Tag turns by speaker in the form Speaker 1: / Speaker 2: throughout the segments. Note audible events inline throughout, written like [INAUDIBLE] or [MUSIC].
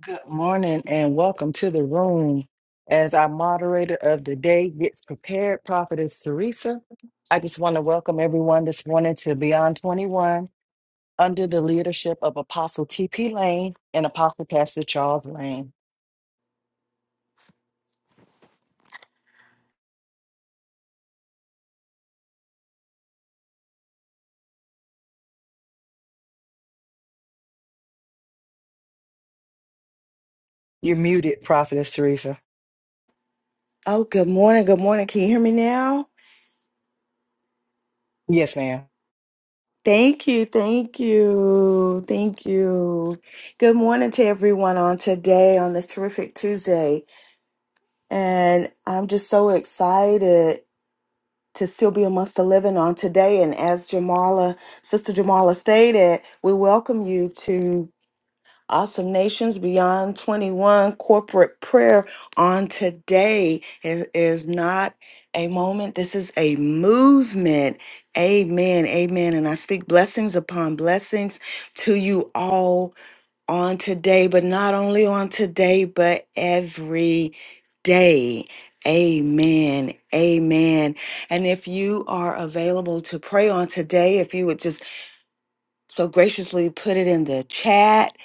Speaker 1: Good morning and welcome to the room. As our moderator of the day gets prepared, Prophetess Teresa, I just want to welcome everyone this morning to Beyond 21 under the leadership of Apostle T.P. Lane and Apostle Pastor Charles Lane. You're muted, Prophetess Teresa.
Speaker 2: Oh, good morning. Good morning. Can you hear me now?
Speaker 1: Yes, ma'am.
Speaker 2: Thank you. Thank you. Thank you. Good morning to everyone on today, on this terrific Tuesday. And I'm just so excited to still be amongst the living on today. And as Jamala, Sister Jamala stated, we welcome you Awesome Nations Beyond 21 corporate prayer on today is, is not a moment. This is a movement. Amen. Amen. And I speak blessings upon blessings to you all on today, but not only on today, but every day. Amen. Amen. And if you are available to pray on today, if you would just so graciously put it in the chat.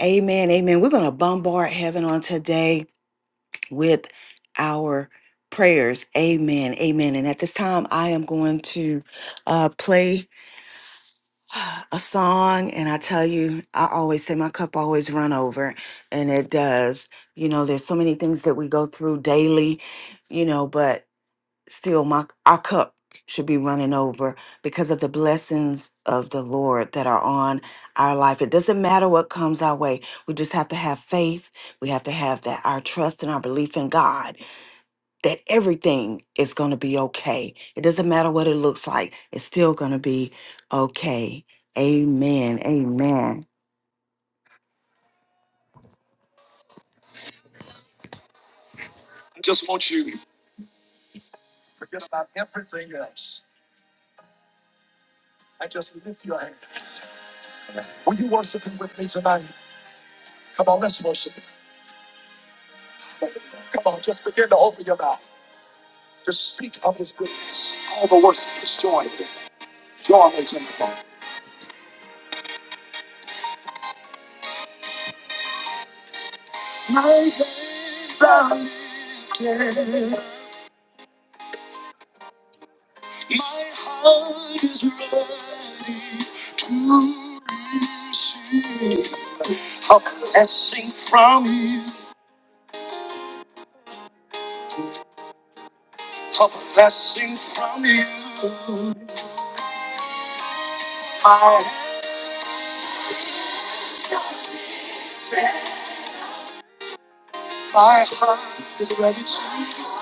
Speaker 2: Amen. Amen. We're going to bombard heaven on today with our prayers. Amen. Amen. And at this time, I am going to uh, play a song. And I tell you, I always say my cup always run over, and it does. You know, there's so many things that we go through daily, you know, but still my our cup should be running over because of the blessings of the Lord that are on our life. It doesn't matter what comes our way. We just have to have faith. We have to have that our trust and our belief in God that everything is going to be okay. It doesn't matter what it looks like. It's still going to be okay. Amen. Amen. I just want you to forget about everything else and just lift your hands. Will you worship him with me tonight? Come on, let's worship. him. Come on, just begin to open your mouth. Just speak of his goodness. All the worship is joined in. Join with him. God is ready to receive a blessing from you. A blessing from you. My heart is ready to receive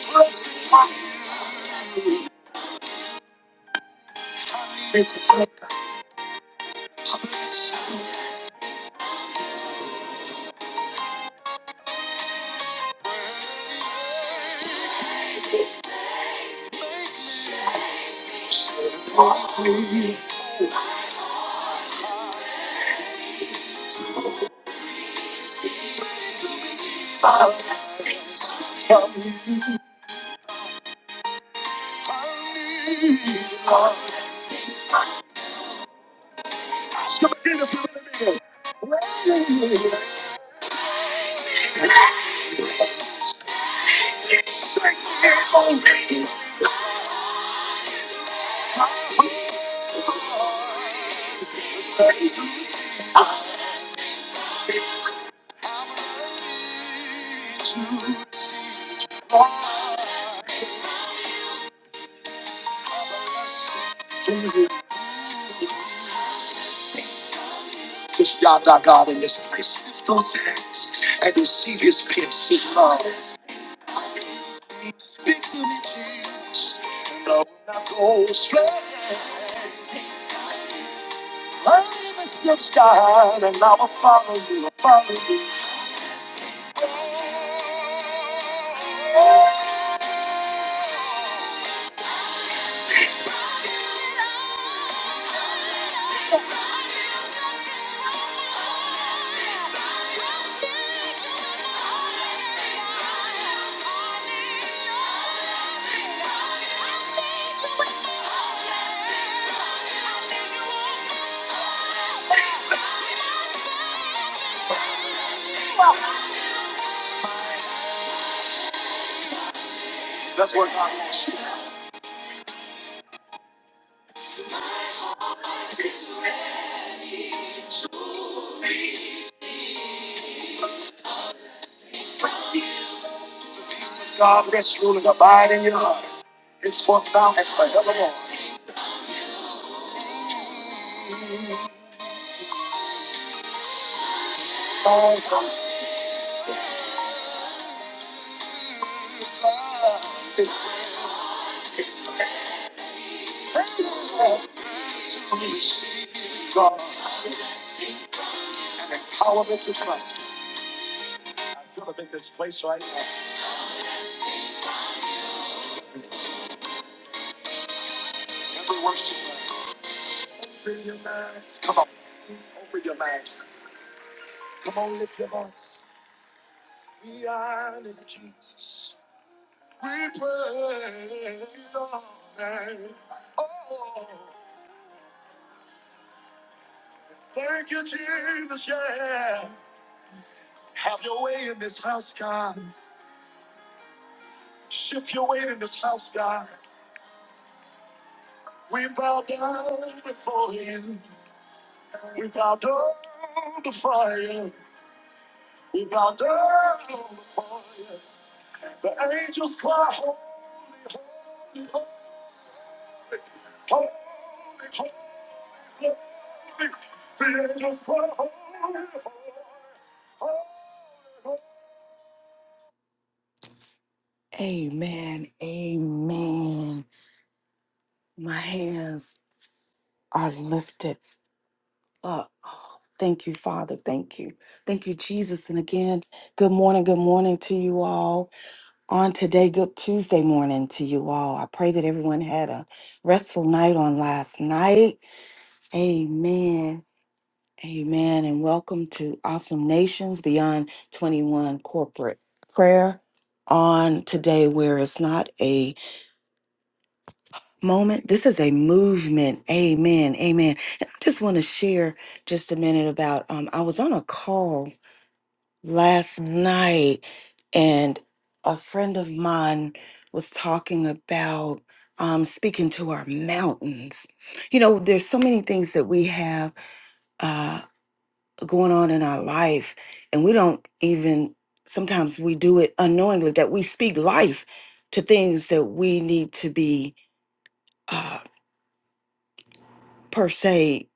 Speaker 2: a blessing from you. I need to make a blessing. Make me. Because Yada God in this place, lift those hands and receive his peace, his love. Speak to me, Jesus, and I will not go astray. Light in the steps God, and I will follow you, I'll follow you. That's what God wants you. Peace of God rest, rule, and abide in your heart. It's for now and forevermore. Awesome. It's to receive God and empowerment to trust. I feel it in this place right now. Every worship, come on, open your mouths. Come on, lift your voice. We are in Jesus. And all that- Oh, thank you, Jesus. Yeah. Have your way in this house, God. Shift your weight in this house, God. We bow down before you. We bow down before you. We bow down before you. The angels cry, holy, holy. Amen. Amen. My hands are lifted up. Oh, thank you, Father. Thank you. Thank you, Jesus. And again, good morning. Good morning to you all. on today, good Tuesday morning to you all. I pray that everyone had a restful night on last night. Amen. Amen. And welcome to Awesome Nations Beyond 21 Corporate Prayer on today, where it's not a moment. This is a movement. Amen. Amen. And I just want to share just a minute about um, I was on a call last night and a friend of mine was talking about um, speaking to our mountains you know there's so many things that we have uh, going on in our life and we don't even sometimes we do it unknowingly that we speak life to things that we need to be uh, per se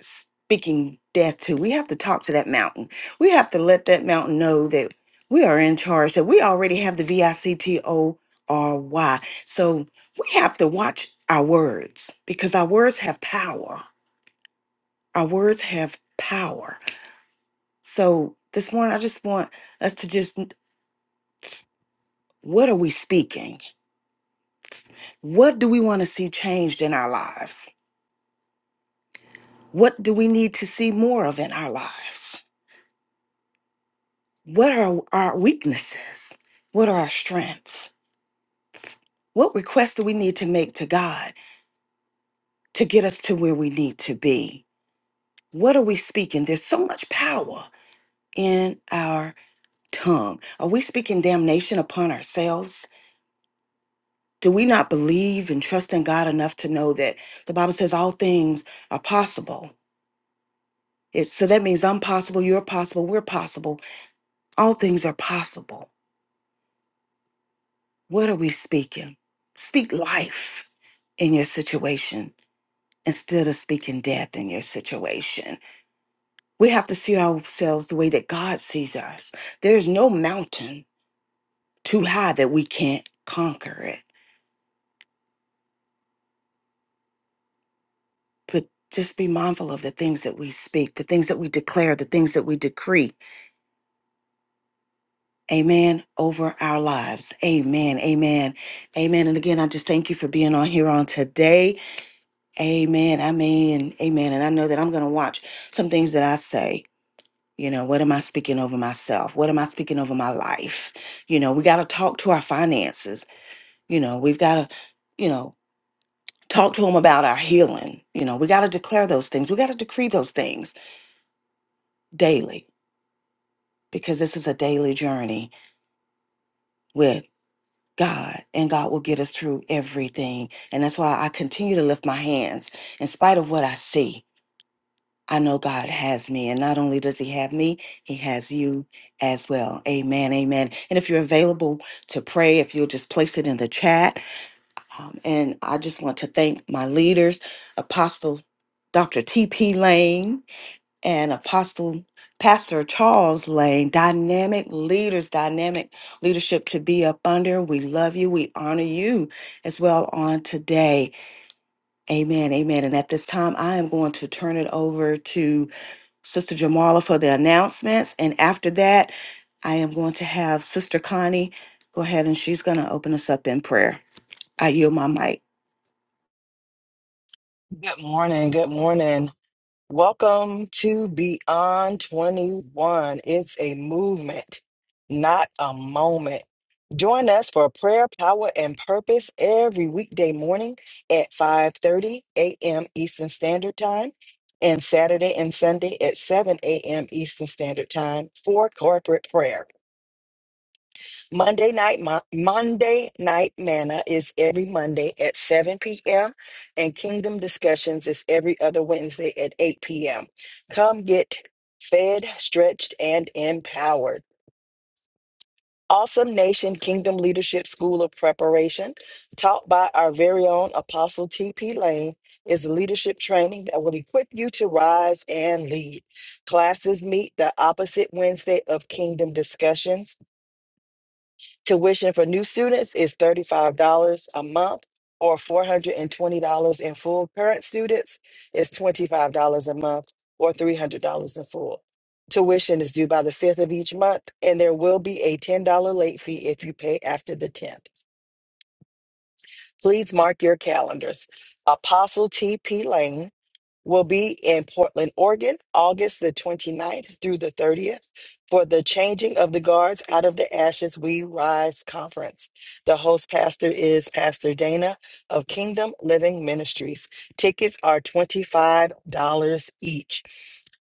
Speaker 2: speaking death to. We have to talk to that mountain. We have to let that mountain know that we are in charge, that we already have the V I C T O R Y. So we have to watch our words because our words have power. Our words have power. So this morning, I just want us to just what are we speaking? What do we want to see changed in our lives? What do we need to see more of in our lives? What are our weaknesses? What are our strengths? What requests do we need to make to God to get us to where we need to be? What are we speaking? There's so much power in our tongue. Are we speaking damnation upon ourselves? Do we not believe and trust in God enough to know that the Bible says all things are possible? It's, so that means I'm possible, you're possible, we're possible. All things are possible. What are we speaking? Speak life in your situation instead of speaking death in your situation We have to see ourselves the way that God sees us. There's no mountain too high that we can't conquer it. But just be mindful of the things that we speak, the things that we declare, the things that we decree. Amen. Over our lives. Amen. Amen. Amen. And again, I just thank you for being on here on today. Amen. I mean, amen. And I know that I'm going to watch some things that I say. You know, what am I speaking over myself? What am I speaking over my life? You know, we got to talk to our finances. You know, we've got to, you know, talk to him about our healing. You know, we got to declare those things. We got to decree those things daily because this is a daily journey with God, and God will get us through everything. And that's why I continue to lift my hands in spite of what I see. I know God has me, and not only does He have me, He has you as well. Amen. Amen. And if you're available to pray, if you'll just place it in the chat, Um, and I just want to thank my leaders, Apostle Dr. T.P. Lane and Apostle Pastor Charles Lane, dynamic leaders, dynamic leadership to be up under. We love you. We honor you as well on today. Amen. Amen. And at this time, I am going to turn it over to Sister Jamala for the announcements. And after that, I am going to have Sister Connie go ahead and she's going to open us up in prayer. I yield my mic.
Speaker 1: Good morning. Good morning. Welcome to Beyond 21. It's a movement, not a moment. Join us for prayer, power, and purpose every weekday morning at 5:30 a.m. Eastern Standard Time and Saturday and Sunday at 7 a.m. Eastern Standard Time for corporate prayer. Monday night, Ma- Monday night manna is every Monday at 7 p.m. and Kingdom Discussions is every other Wednesday at 8 p.m. Come get fed, stretched, and empowered. Awesome Nation Kingdom Leadership School of Preparation, taught by our very own Apostle T.P. Lane, is leadership training that will equip you to rise and lead. Classes meet the opposite Wednesday of Kingdom Discussions Tuition for new students is $35 a month or $420 in full. Current students is $25 a month or $300 in full. Tuition is due by the 5th of each month, and there will be a $10 late fee if you pay after the 10th. Please mark your calendars. Apostle T.P. Lane will be in Portland, Oregon, August the 29th through the 30th for the Changing of the Guards Out of the Ashes We Rise conference. The host pastor is Pastor Dana of Kingdom Living Ministries. Tickets are $25 each.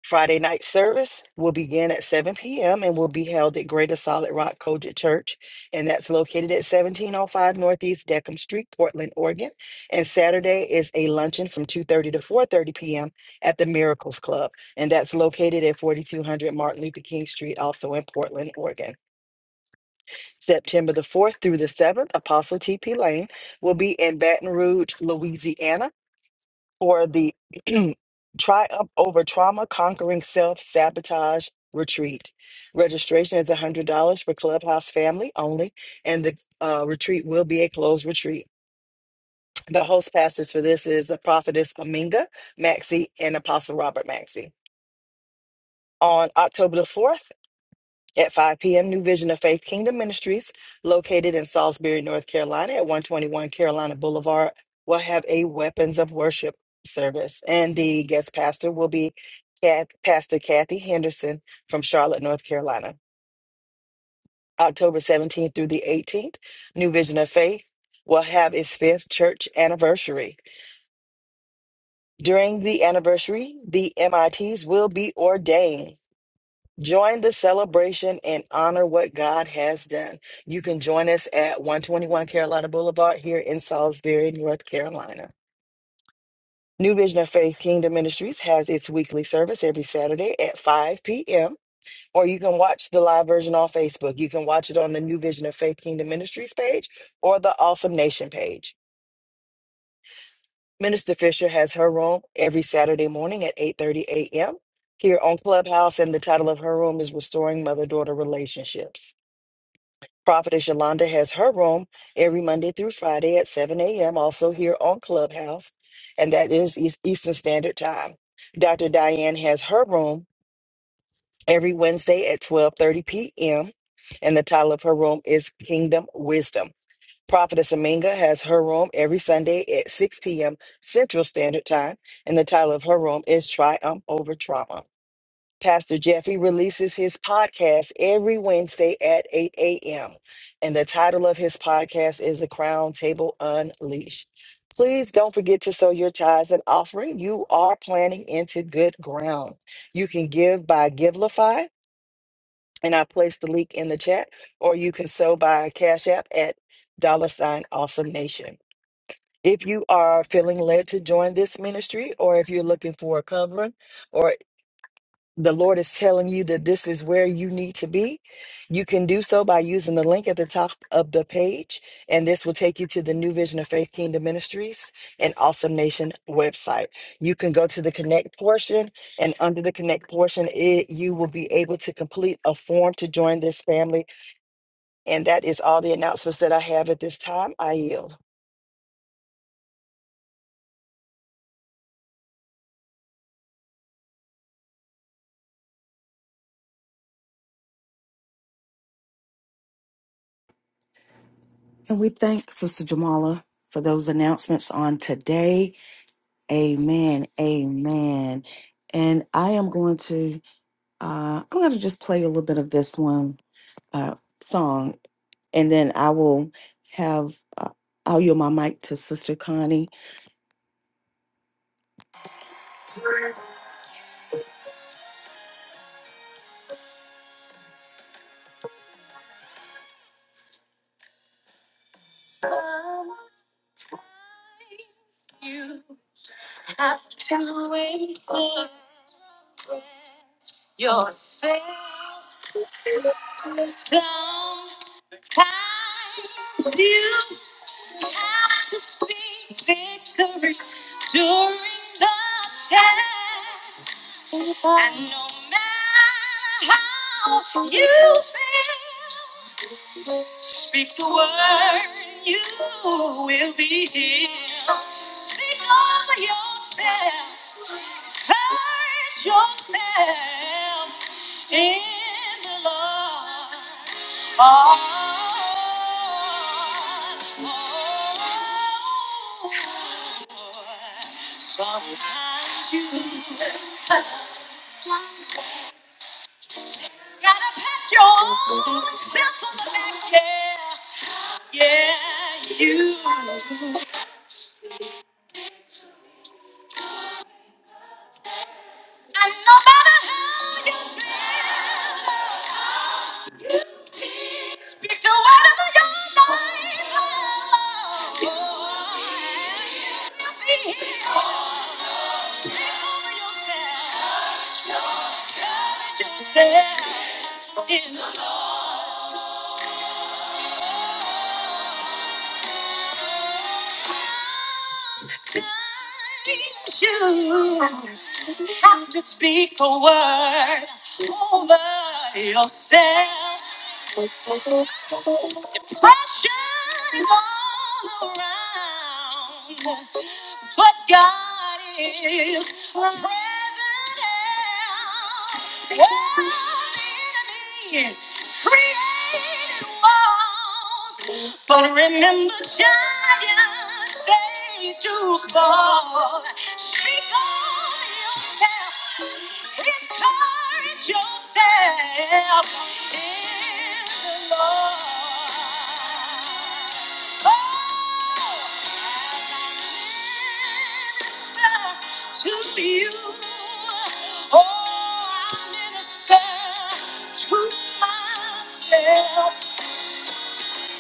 Speaker 1: Friday night service will begin at 7 p.m. and will be held at Greater Solid Rock Collegiate Church, and that's located at 1705 Northeast Deckham Street, Portland, Oregon. And Saturday is a luncheon from 2:30 to 4:30 p.m. at the Miracles Club, and that's located at 4200 Martin Luther King Street, also in Portland, Oregon. September the 4th through the 7th, Apostle T.P. Lane will be in Baton Rouge, Louisiana, for the [CLEARS THROAT] Triumph Over Trauma: Conquering Self Sabotage Retreat. Registration is $100 for Clubhouse family only, and the uh, retreat will be a closed retreat. The host pastors for this is the prophetess Aminga Maxey and Apostle Robert Maxey. On October the 4th at 5 p.m., New Vision of Faith Kingdom Ministries, located in Salisbury, North Carolina at 121 Carolina Boulevard, will have a Weapons of Worship service. And the guest pastor will be Cat- Pastor Kathy Henderson from Charlotte, North Carolina. October 17th through the 18th, New Vision of Faith will have its fifth church anniversary. During the anniversary, the MITs will be ordained. Join the celebration and honor what God has done. You can join us at 121 Carolina Boulevard here in Salisbury, North Carolina. New Vision of Faith Kingdom Ministries has its weekly service every Saturday at 5 p.m. Or you can watch the live version on Facebook. You can watch it on the New Vision of Faith Kingdom Ministries page or the Awesome Nation page. Minister Fisher has her room every Saturday morning at 8:30 a.m. here on Clubhouse, and the title of her room is Restoring Mother-Daughter Relationships. Prophetess Yolanda has her room every Monday through Friday at 7 a.m. also here on Clubhouse, and that is Eas- Eastern Standard Time. Dr. Diane has her room every Wednesday at 12:30 p.m. and the title of her room is Kingdom Wisdom. Prophetess Aminga has her room every Sunday at 6 p.m. Central Standard Time, and the title of her room is Triumph Over Trauma. Pastor Jeffy releases his podcast every Wednesday at 8 a.m., and the title of his podcast is The Crown Table Unleashed. Please don't forget to sow your tithes and offering. You are planting into good ground. You can give by Givelify and I placed the link in the chat, or you can sew by Cash App at dollar sign awesome nation. If you are feeling led to join this ministry, or if you're looking for a covering, or the Lord is telling you that this is where you need to be, you can do so by using the link at the top of the page. And this will take you to the New Vision of Faith Kingdom Ministries and Awesome Nation website. You can go to the Connect portion and under the connect portion it you will be able to complete a form to join this family and that is all the announcements that I have at this time. I yield.
Speaker 2: And we thank Sister Jamala for those announcements on today. Amen. Amen. And I am going to uh I'm going to just play a little bit of this one uh song and then I will have uh, I'll yield my mic to Sister Connie. have to wait for yourself sometimes you have to speak victory during the test and no matter how you feel speak the word and you will be healed speak over yourself Encourage yourself in the Lord. Oh, oh, you gotta pat yourself on the back, yeah, yeah, you. And no matter how you feel. Speak the word of your life, Lord. Help me here. Speak over yourself. Cover Yourself in the Lord. You have to speak a word over yourself. Depression is all around, but God is present. help. Oh, the enemy created walls, but remember, giants they do fall. Speak on yourself. Encourage yourself in the Lord. Oh, I minister to you. Oh, I minister to myself. Speak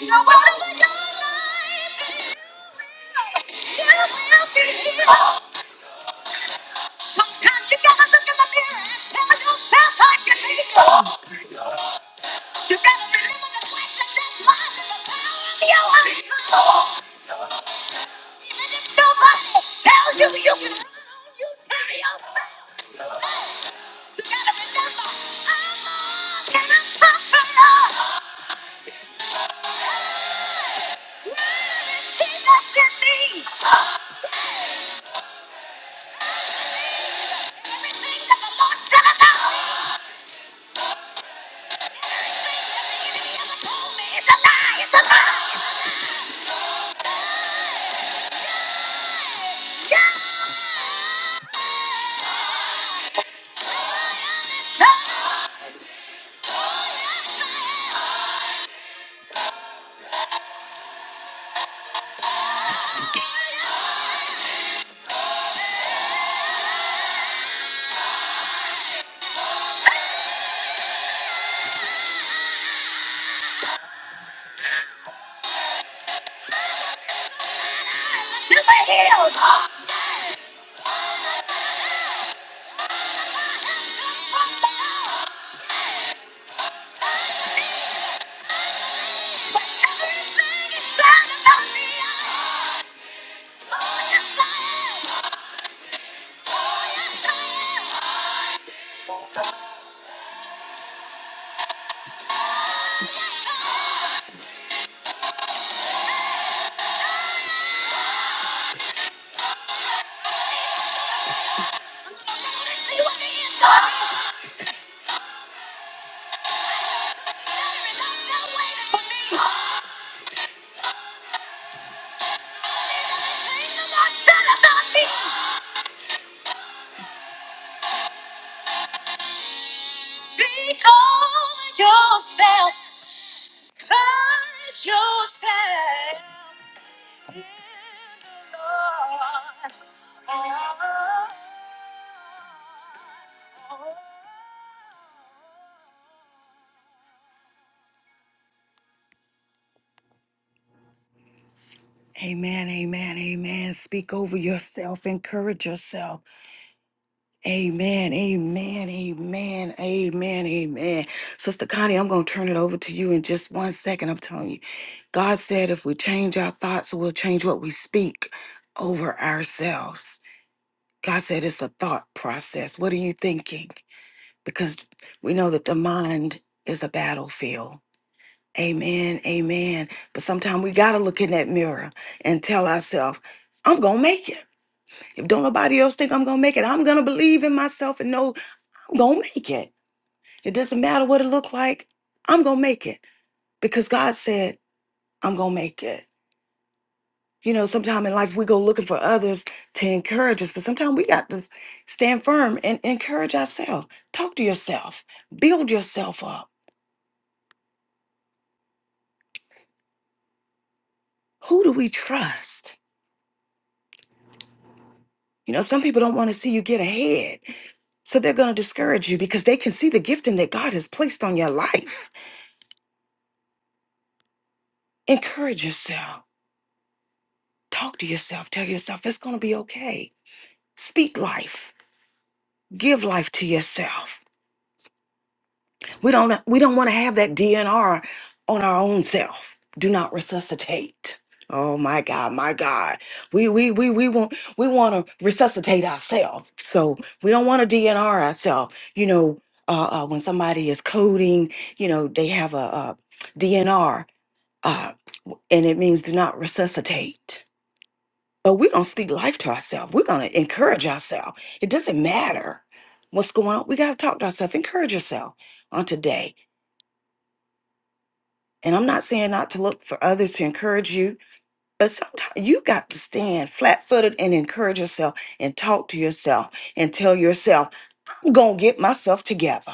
Speaker 2: the word over your life. You will be healed. Sometimes you gotta look in the mirror and tell yourself I can be good. You gotta remember the fact that this lies in the power of your own tongue. Even if nobody tells you you can run, you tell yourself. You gotta remember, I'm more than a conqueror. Where is he that's in me? Everything that the Lord said about me, that he has told me, it's a lie, it's a lie. Yeah! To the hills! Everything is found about me! Oh, yes, I am! Oh, yes, I am! Don't Nobody see what the ends are! There is no doubt waiting for me! Everything the Lord said about me! Speak over yourself! Put yourself in the Lord. Oh, oh. Amen, amen, amen. Speak over yourself, encourage yourself. Amen, amen, amen, amen, amen. Sister Connie, I'm going to turn it over to you in just one second. I'm telling you, God said if we change our thoughts, we'll change what we speak over ourselves. God said it's a thought process. What are you thinking? Because we know that the mind is a battlefield. Amen, amen. But sometimes we got to look in that mirror and tell ourselves, I'm going to make it. If don't nobody else think I'm going to make it, I'm going to believe in myself and know I'm gonna make it. It doesn't matter what it looked like. I'm gonna make it because God said I'm gonna make it. You know, sometimes in life we go looking for others to encourage us, but sometimes we got to stand firm and encourage ourselves. Talk to yourself, build yourself up. Who do we trust? You know, some people don't want to see you get ahead, so they're going to discourage you because they can see the gifting that God has placed on your life. Encourage yourself, talk to yourself, tell yourself it's going to be okay. Speak life Give life to yourself. We don't we don't want to have that DNR on our own self. Do not resuscitate. Oh my God, my God. We we we we want we want to resuscitate ourselves. So we don't want to DNR ourselves. You know, uh, uh, when somebody is coding, you know, they have a, uh DNR, uh, and it means do not resuscitate. but we're going to speak life to ourselves. We're going to encourage ourselves. It doesn't matter what's going on. We got to talk to ourselves. Encourage yourself on today. And I'm not saying not to look for others to encourage you, but sometimes you got to stand flat footed and encourage yourself and talk to yourself and tell yourself, I'm going to get myself together.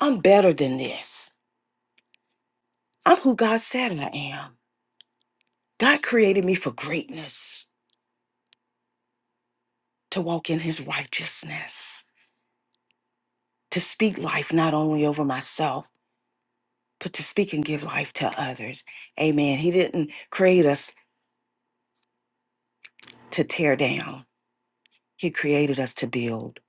Speaker 2: I'm better than this. I'm who God said I am. God created me for greatness, to walk in his righteousness, to speak life not only over myself but to speak and give life to others. Amen. He didn't create us to tear down, He created us to build.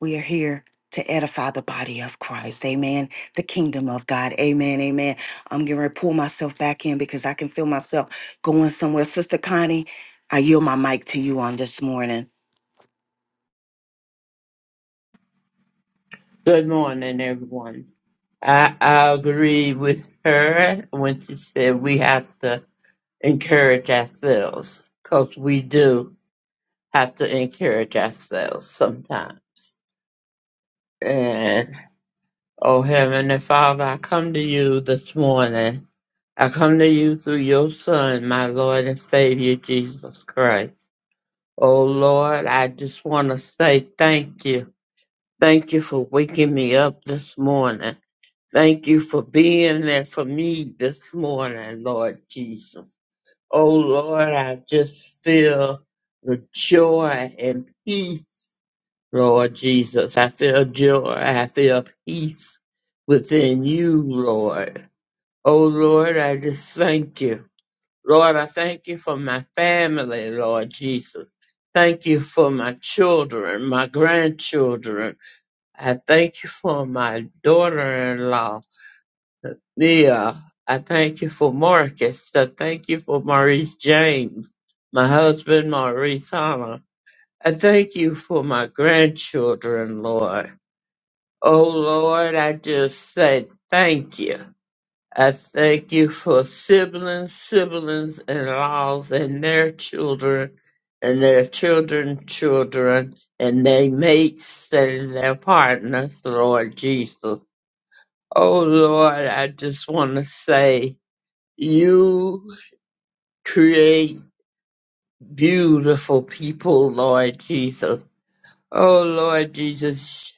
Speaker 2: We are here to edify the body of Christ. Amen. The kingdom of God. Amen. Amen. I'm going to pull myself back in because I can feel myself going somewhere. Sister Connie, I yield my mic to you on this morning.
Speaker 3: Good morning, everyone. I, I agree with her when she said we have to encourage ourselves because we do have to encourage ourselves sometimes. And oh, Heavenly Father, I come to you this morning. I come to you through your Son, my Lord and Savior, Jesus Christ. Oh, Lord, I just want to say thank you. Thank you for waking me up this morning. Thank you for being there for me this morning, Lord Jesus. Oh Lord, I just feel the joy and peace, Lord Jesus. I feel joy. I feel peace within you, Lord. Oh Lord, I just thank you. Lord, I thank you for my family, Lord Jesus. Thank you for my children, my grandchildren. I thank you for my daughter-in-law. Leah, I thank you for Marcus. I thank you for Maurice James, my husband Maurice Hama. I thank you for my grandchildren, Lord. Oh Lord, I just say thank you. I thank you for siblings, siblings in laws and their children and their children children and their mates and their partners, Lord Jesus. Oh Lord, I just wanna say you create beautiful people, Lord Jesus. Oh, Lord Jesus,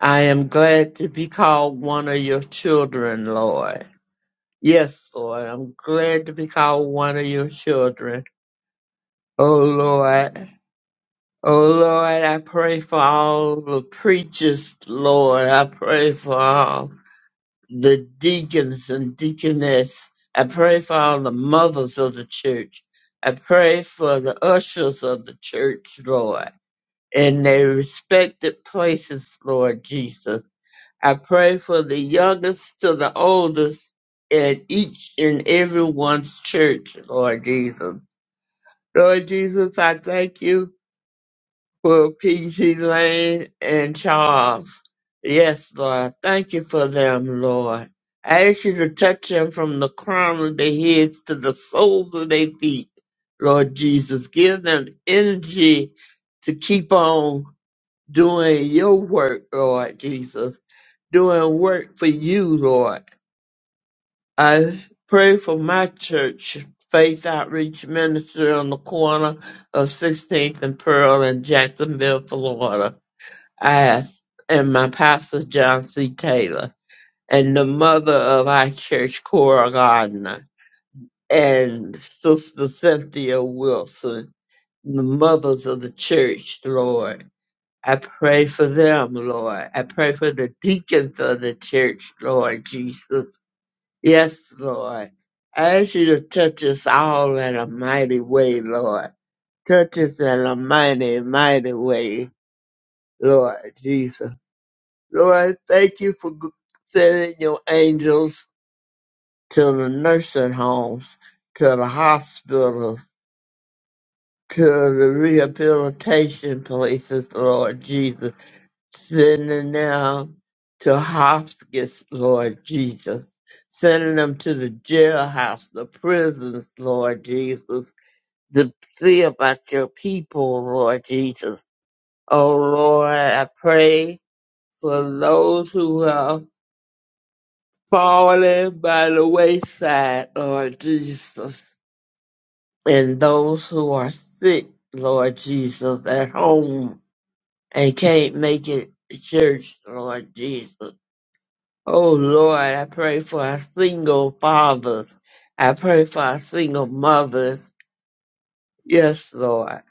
Speaker 3: I am glad to be called one of your children, Lord. Yes, Lord, I'm glad to be called one of your children. Oh, Lord. Oh, Lord, I pray for all the preachers, Lord. I pray for all. the deacons and deaconess. I pray for all the mothers of the church. I pray for the ushers of the church, Lord, in their respected places, Lord Jesus. I pray for the youngest to the oldest in each and everyone's church, Lord Jesus. Lord Jesus, I thank you for PG Lane and Charles. Yes, Lord. Thank you for them, Lord. I ask you to touch them from the crown of their heads to the soles of their feet, Lord Jesus. Give them energy to keep on doing your work, Lord Jesus. Doing work for you, Lord. I pray for my church, Faith Outreach Ministry on the corner of 16th and Pearl in Jacksonville, Florida. Ass and my pastor John C. Taylor and the mother of our church, Cora Gardner, and Sister Cynthia Wilson, the mothers of the church, Lord. I pray for them, Lord. I pray for the deacons of the church, Lord Jesus. Yes, Lord. I ask you to touch us all in a mighty way, Lord. Touch us in a mighty, mighty way, Lord Jesus. Lord, I thank you for g- sending your angels to the nursing homes, to the hospitals, to the rehabilitation places, Lord Jesus. Sending them to hospice, Lord Jesus. Sending them to the jailhouse, the prisons, Lord Jesus. To see about your people, Lord Jesus. Oh, Lord, I pray for those who have fallen by the wayside, Lord Jesus, and those who are sick, Lord Jesus, at home and can't make it to church, Lord Jesus. Oh Lord, I pray for our single fathers. I pray for our single mothers. Yes, Lord.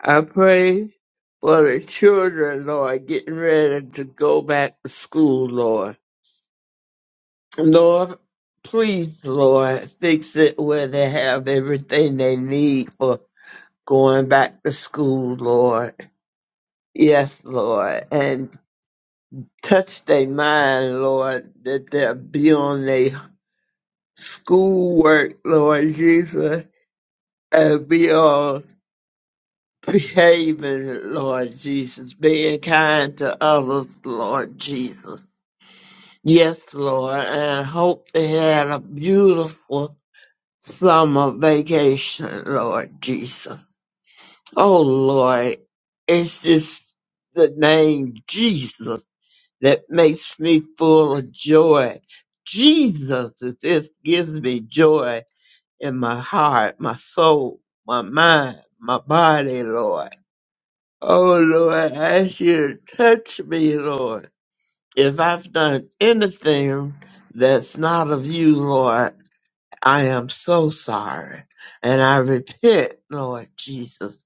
Speaker 3: I pray for the children, Lord, getting ready to go back to school, Lord. Lord, please, Lord, fix it where they have everything they need for going back to school, Lord. Yes, Lord. And touch their mind, Lord, that they'll be on their schoolwork, Lord Jesus, and be on behaving, Lord Jesus, being kind to others, Lord Jesus. Yes, Lord, and I hope they had a beautiful summer vacation, Lord Jesus. Oh Lord, it's just the name Jesus that makes me full of joy. Jesus, it just gives me joy in my heart, my soul, my mind, my body, Lord. Oh Lord, I ask you to touch me, Lord. If I've done anything that's not of you, Lord, I am so sorry. And I repent, Lord Jesus.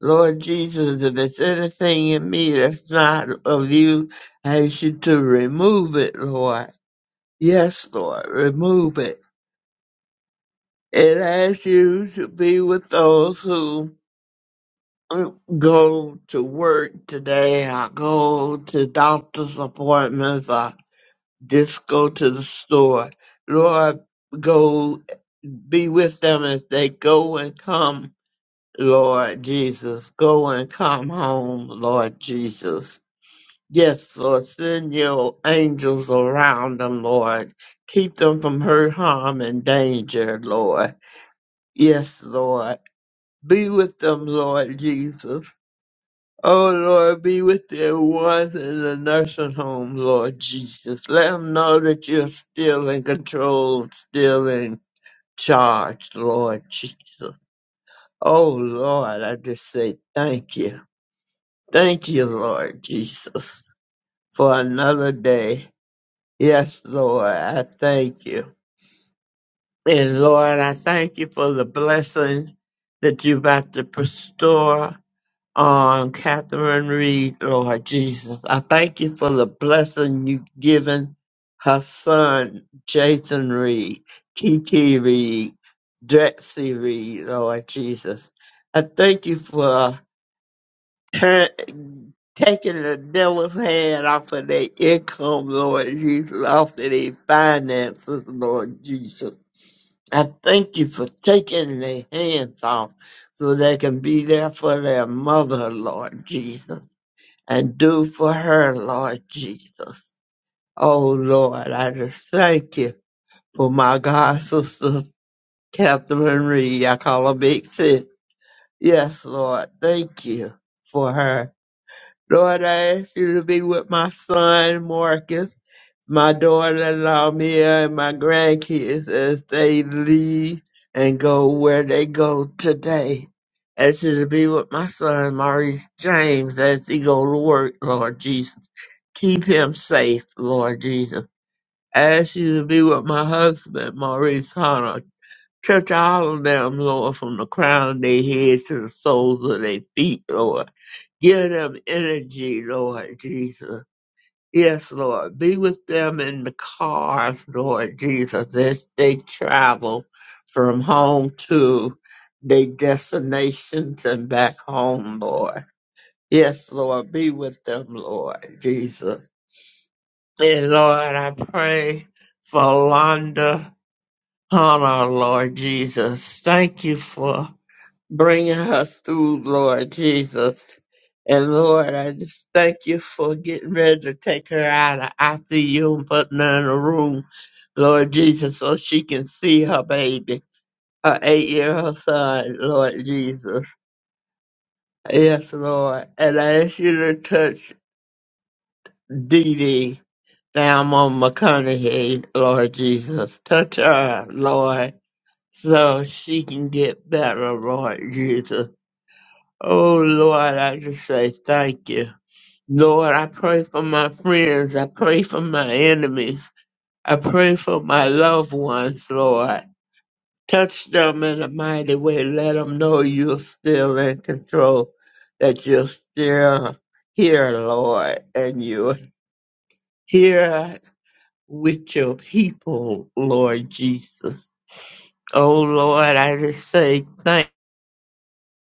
Speaker 3: Lord Jesus, if it's anything in me that's not of you, I ask you to remove it, Lord. Yes, Lord, remove it. And I ask you to be with those who go to work today, or go to doctor's appointments, or just go to the store. Lord, go be with them as they go and come Lord Jesus. Go and come home, Lord Jesus. Yes, Lord, send your angels around them, Lord. Keep them from hurt, harm, and danger, Lord. Yes, Lord. Be with them, Lord Jesus. Oh, Lord, be with their ones in the nursing home, Lord Jesus. Let them know that you're still in control, still in charge, Lord Jesus. Oh, Lord, I just say thank you. Thank you, Lord Jesus, for another day. Yes, Lord, I thank you. And Lord, I thank you for the blessing that you're about to bestow on Catherine Reed, Lord Jesus. I thank you for the blessing you've given her son, Jason Reed, Kiki Reed, Drexy Reed, Lord Jesus. I thank you for [LAUGHS] her taking the devil's hand off of their income, Lord Jesus, off of their finances, Lord Jesus. I thank you for taking their hands off so they can be there for their mother, Lord Jesus, and do for her, Lord Jesus. Oh, Lord, I just thank you for my God sister, Catherine Reed. I call her Big Sis. Yes, Lord, thank you for her. Lord, I ask you to be with my son, Marcus, my daughter-in-law, Mia, and my grandkids as they leave and go where they go today. Ask you to be with my son, Maurice James, as he go to work, Lord Jesus. Keep him safe, Lord Jesus. Ask you to be with my husband, Maurice Hunter. Touch all of them, Lord, from the crown of their heads to the soles of their feet, Lord. Give them energy, Lord Jesus. Yes, Lord. Be with them in the cars, Lord Jesus, as they travel from home to their destinations and back home, Lord. Yes, Lord. Be with them, Lord Jesus. And Lord, I pray for Londa Hunter, Lord Jesus. Thank you for Bring us through, Lord Jesus. And Lord, I just thank you for getting ready to take her out of ICU and putting her in a room, Lord Jesus, so she can see her baby, her eight year old son, Lord Jesus. Yes, Lord. And I ask you to touch Dee Dee down on McConaughey, Lord Jesus. Touch her, Lord, so she can get better, Lord Jesus Oh Lord, I just say thank you. Lord, I pray for my friends. I pray for my enemies. I pray for my loved ones, Lord. Touch them in a mighty way. Let them know you're still in control, that you're still here, Lord, and you're here with your people, Lord Jesus. Oh Lord, I just say thank you.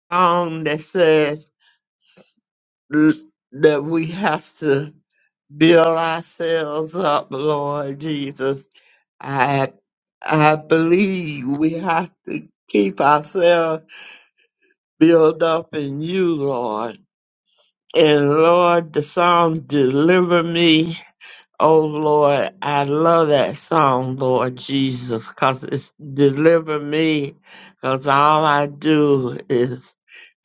Speaker 3: Song That says that we have to build ourselves up, Lord Jesus. I I believe we have to keep ourselves built up in you, Lord. And Lord, the song Deliver Me. Oh Lord, I love that song, Lord Jesus, because it's deliver me, because all I do is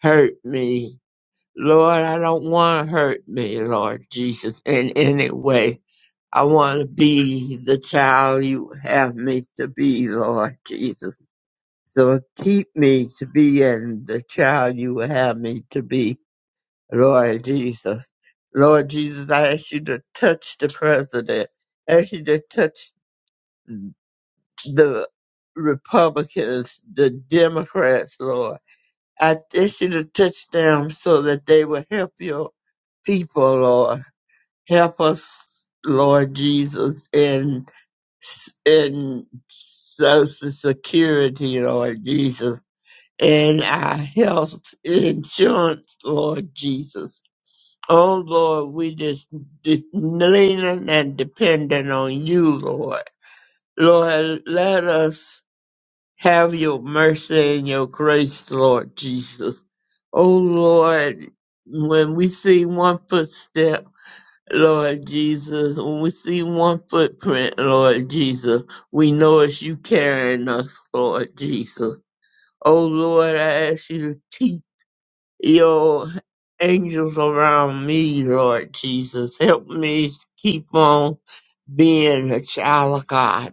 Speaker 3: hurt me. Lord, I don't want to hurt me, Lord Jesus, in any way. I want to be the child you have me to be, Lord Jesus. So keep me to be in the child you have me to be, Lord Jesus. Lord Jesus, I ask you to touch the president. I ask you to touch the Republicans, the Democrats, Lord. I ask you to touch them so that they will help your people, Lord. Help us, Lord Jesus, in s- in Social Security, Lord Jesus, and our health insurance, Lord Jesus. Oh Lord, we just de- leaning and depending on you, Lord. Lord, let us have your mercy and your grace, Lord Jesus. Oh Lord, when we see one footstep Lord Jesus, when we see one footprint, Lord Jesus, we know it's you carrying us, Lord Jesus. Oh Lord, I ask you to keep your angels around me, Lord Jesus. Help me keep on being a child of God.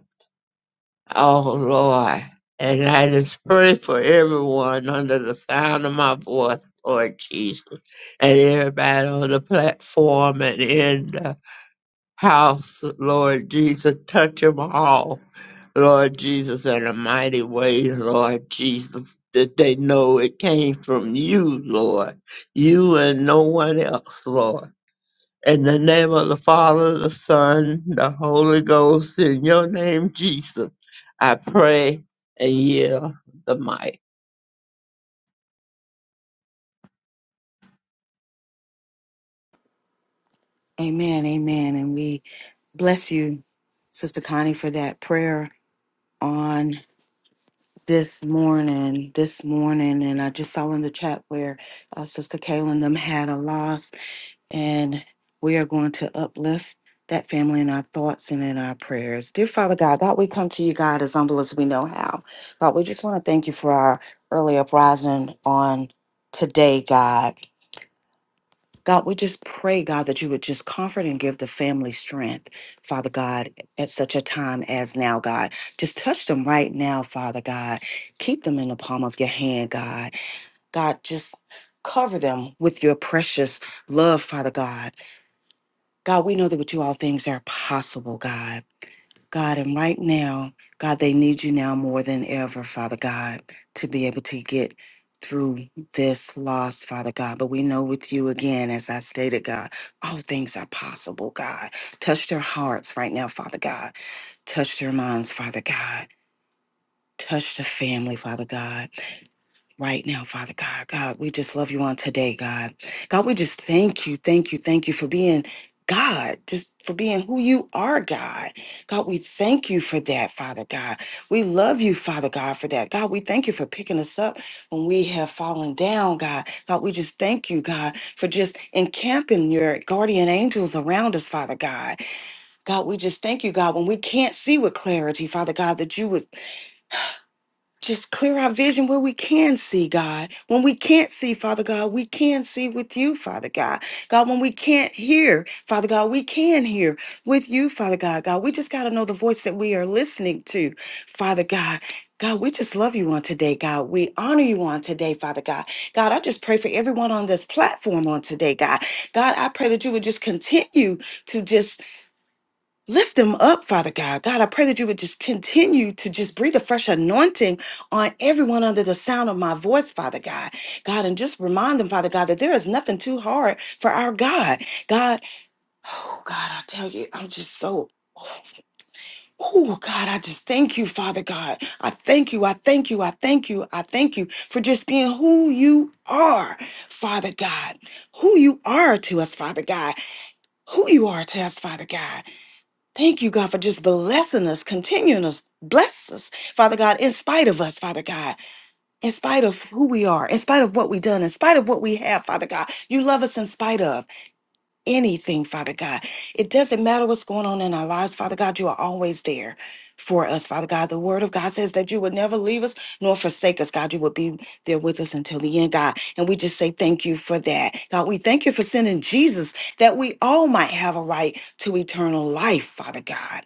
Speaker 3: Oh Lord. And I just pray for everyone under the sound of my voice, Lord Jesus, and everybody on the platform and in the house, Lord Jesus. Touch them all, Lord Jesus, in a mighty way, Lord Jesus, that they know it came from you, Lord. You and no one else, Lord. In the name of the Father, the Son, the Holy Ghost, in your name, Jesus, I pray and yield the mic.
Speaker 2: Amen. Amen. And we bless you, Sister Connie, for that prayer on. this morning, this morning, and I just saw in the chat where uh, Sister Kaylin them had a loss, and we are going to uplift that family in our thoughts and in our prayers. Dear Father God, God, we come to you, God, as humble as we know how. God, we just want to thank you for our early uprising on today, God. God, we just pray, God, that you would just comfort and give the family strength, Father God, at such a time as now, God. Just touch them right now, Father God. Keep them in the palm of your hand, God. God, just cover them with your precious love, Father God. God, we know that with you all things are possible, God. God, and right now, God, they need you now more than ever, Father God, to be able to get through this loss, Father God. But we know with you again, as I stated, God, all things are possible, God. Touch their hearts right now, Father God. Touch their minds, Father God. Touch the family, Father God right now, Father God. God, we just love you on today, God. God, we just thank you, thank you, thank you for being God, just for being who you are, God. God, we thank you for that, Father God. We love you, Father God, for that. God, we thank you for picking us up when we have fallen down, God. God, we just thank you, God, for just encamping your guardian angels around us, Father God. God, we just thank you, God, when we can't see with clarity, Father God, that you would just clear our vision where we can see, God. When we can't see, Father God, we can see with you, Father God. God, when we can't hear, Father God, we can hear with you, Father God. God, we just got to know the voice that we are listening to, Father God. God, we just love you on today, God. We honor you on today, Father God. God, I just pray for everyone on this platform on today, God. God, I pray that you would just continue to just Lift them up, Father God. God, I pray that you would just continue to just breathe a fresh anointing on everyone under the sound of my voice, Father God. God, and just remind them, Father God, that there is nothing too hard for our God. God, oh God, I tell you, I'm just so. Oh God, I just thank you, Father God. I thank you, I thank you, I thank you, I thank you for just being who you are, Father God. Who you are to us, Father God. Who you are to us, Father God. Thank you, God, for just blessing us, continuing us, bless us, Father God, in spite of us, Father God, in spite of who we are, in spite of what we've done, in spite of what we have, Father God. You love us in spite of anything, Father God. It doesn't matter what's going on in our lives, Father God. You are always there for us, Father God. The word of God says that you would never leave us nor forsake us, God. You would be there with us until the end, God. And we just say thank you for that. God, we thank you for sending Jesus that we all might have a right to eternal life, Father God.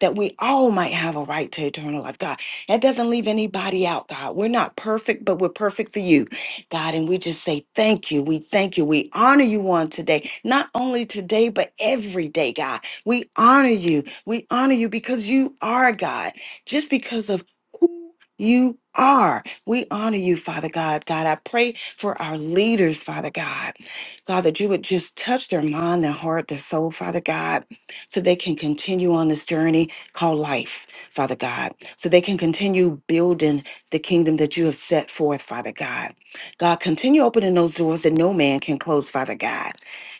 Speaker 2: That we all might have a right to eternal life, God. That doesn't leave anybody out, God. We're not perfect, but we're perfect for you. God. And we just say thank you. We thank you. We honor you on today, not only today, but every day, God. We honor you. We honor you because you are God, just because of who you are. We honor you, Father God. God, I pray for our leaders, Father God. God, that you would just touch their mind, their heart, their soul, Father God, so they can continue on this journey called life, Father God, so they can continue building the kingdom that you have set forth, Father God. God, continue opening those doors that no man can close, Father God.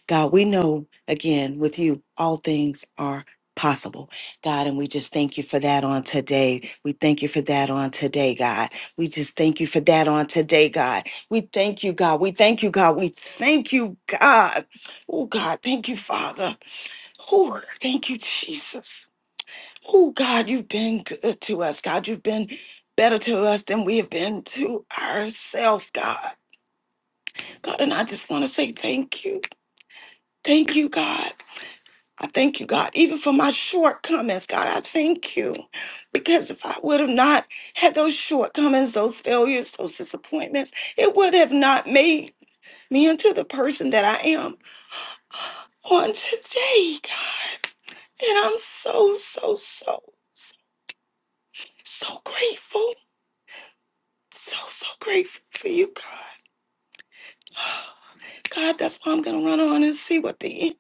Speaker 2: God, we know again with you, all things are possible, God, and we just thank you for that on today. We thank you for that on today, God. We just thank you for that on today, God. We thank you, God. We thank you, God. We thank you, God. Oh, God, thank you, Father. Oh, thank you, Jesus. Oh, God, you've been good to us, God. You've been better to us than we have been to ourselves, God. God, and I just want to say thank you. Thank you, God. I thank you, God, even for my shortcomings. God, I thank you. Because if I would have not had those shortcomings, those failures, those disappointments, it would have not made me into the person that I am on today, God. And I'm so, so, so, so, so grateful. So, so grateful for you, God. God, that's why I'm going to run on and see what the end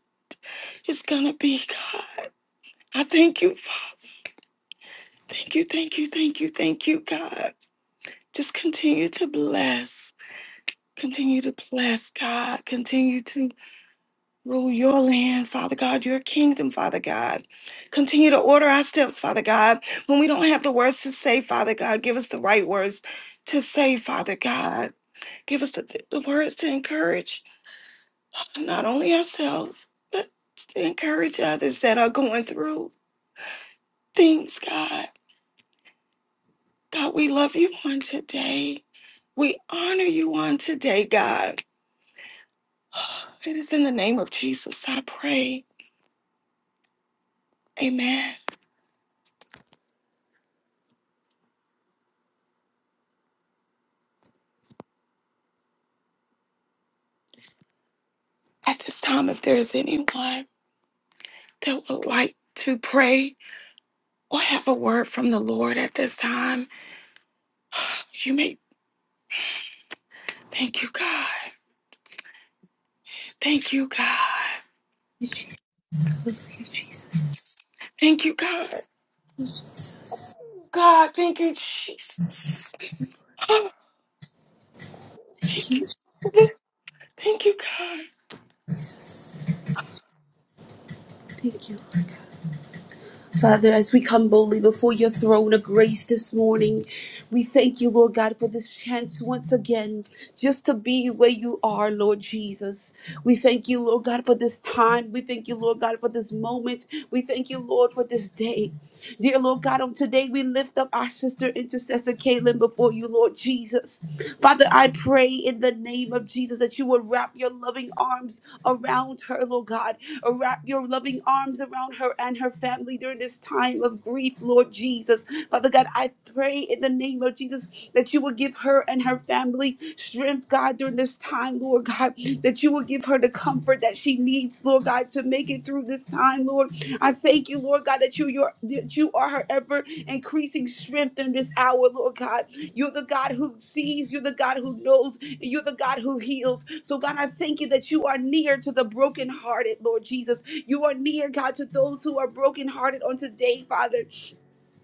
Speaker 2: is going to be, God. I thank you, Father. Thank you, thank you, thank you, thank you, God. Just continue to bless. Continue to bless, God. Continue to rule your land, Father God, your kingdom, Father God. Continue to order our steps, Father God. When we don't have the words to say, Father God, give us the right words to say, Father God. Give us the, the words to encourage not only ourselves, but to encourage others that are going through things, God. God, we love you on today. We honor you on today, God. It is in the name of Jesus I pray. Amen. At this time, if there is anyone that would like to pray or have a word from the Lord at this time, you may thank you, God. Thank you, God. Thank you, God. God, thank you, Jesus. Oh, Thank you, God.
Speaker 4: Thank you. Father, as we come boldly before your throne of grace this morning, we thank you, Lord God, for this chance once again just to be where you are, Lord Jesus. We thank you, Lord God, for this time. We thank you, Lord God, for this moment. We thank you, Lord, for this day. Dear Lord God, on today we lift up our sister intercessor Caitlin before you, Lord Jesus. Father, I pray in the name of Jesus that you would wrap your loving arms around her, Lord God. Wrap your loving arms around her and her family during this time of grief, Lord Jesus. Father God, I pray in the name of Jesus that you would give her and her family strength, God, during this time, Lord on, Lord God, that you will give her the comfort that she needs, Lord God, to make it through this time, Lord. I thank you, Lord God, that you, your, that you are her ever increasing strength in this hour, Lord God. You're the God who sees, you're the God who knows, and you're the God who heals. So, God, I thank you that you are near to the brokenhearted, Lord Jesus. You are near, God, to those who are brokenhearted on today, Father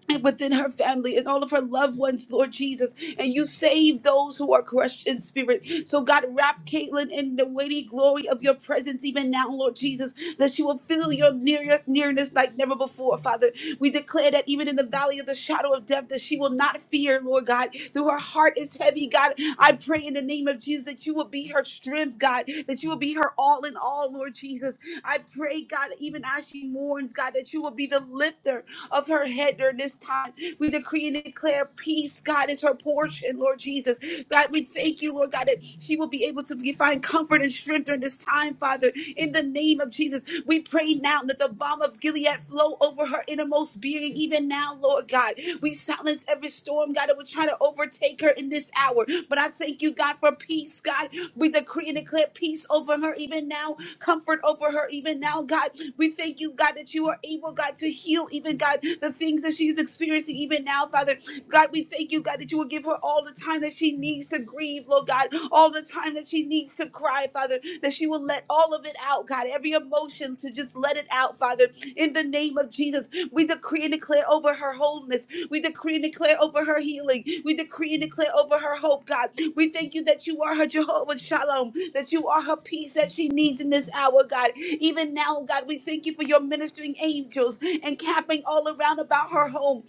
Speaker 4: and within her family and all of her loved ones, Lord Jesus. And you save those who are crushed in spirit. So, God, wrap Caitlin in the weighty glory of your presence even now, Lord Jesus, that she will feel your near, nearness like never before, Father. We declare that even in the valley of the shadow of death, that she will not fear, Lord God, though her heart is heavy, God. I pray in the name of Jesus that you will be her strength, God, that you will be her all in all, Lord Jesus. I pray, God, even as she mourns, God, that you will be the lifter of her head during this this time. We decree and declare peace, God, is her portion, Lord Jesus. God, we thank you, Lord God, that she will be able to be- find comfort and strength during this time, Father. In the name of Jesus, we pray now that the balm of Gilead flow over her innermost being, even now, Lord God. We silence every storm, God, that would try to overtake her in this hour. But I thank you, God, for peace, God. We decree and declare peace over her even now, comfort over her even now, God. We thank you, God, that you are able, God, to heal even, God, the things that she's experiencing even now, Father. God, we thank you, God, that you will give her all the time that she needs to grieve, Lord God, all the time that she needs to cry, Father, that she will let all of it out, God, every emotion to just let it out, Father, in the name of Jesus. We decree and declare over her wholeness. We decree and declare over her healing. We decree and declare over her hope, God. We thank you that you are her Jehovah Shalom, that you are her peace that she needs in this hour, God. Even now, God, we thank you for your ministering angels and camping all around about her home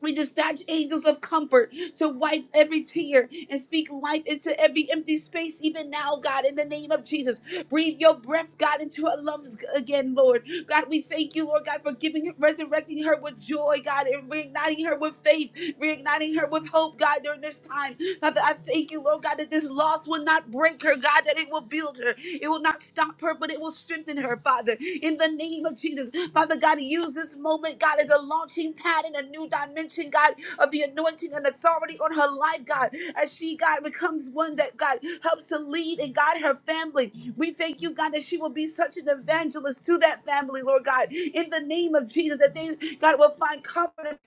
Speaker 4: we dispatch angels of comfort to wipe every tear and speak life into every empty space, even now, God, in the name of Jesus. Breathe your breath, God, into her lungs again, Lord. God, we thank you, Lord God, for giving, resurrecting her with joy, God, and reigniting her with faith, reigniting her with hope, God, during this time. Father, I thank you, Lord God, that this loss will not break her, God, that it will build her. It will not stop her, but it will strengthen her, Father, in the name of Jesus. Father God, use this moment, God, as a launching pad in a new dimension, God, of the anointing and authority on her life, God, as she, God, becomes one that, God, helps to lead and guide her family. We thank you, God, that she will be such an evangelist to that family, Lord God, in the name of Jesus, that they, God, will find comfort and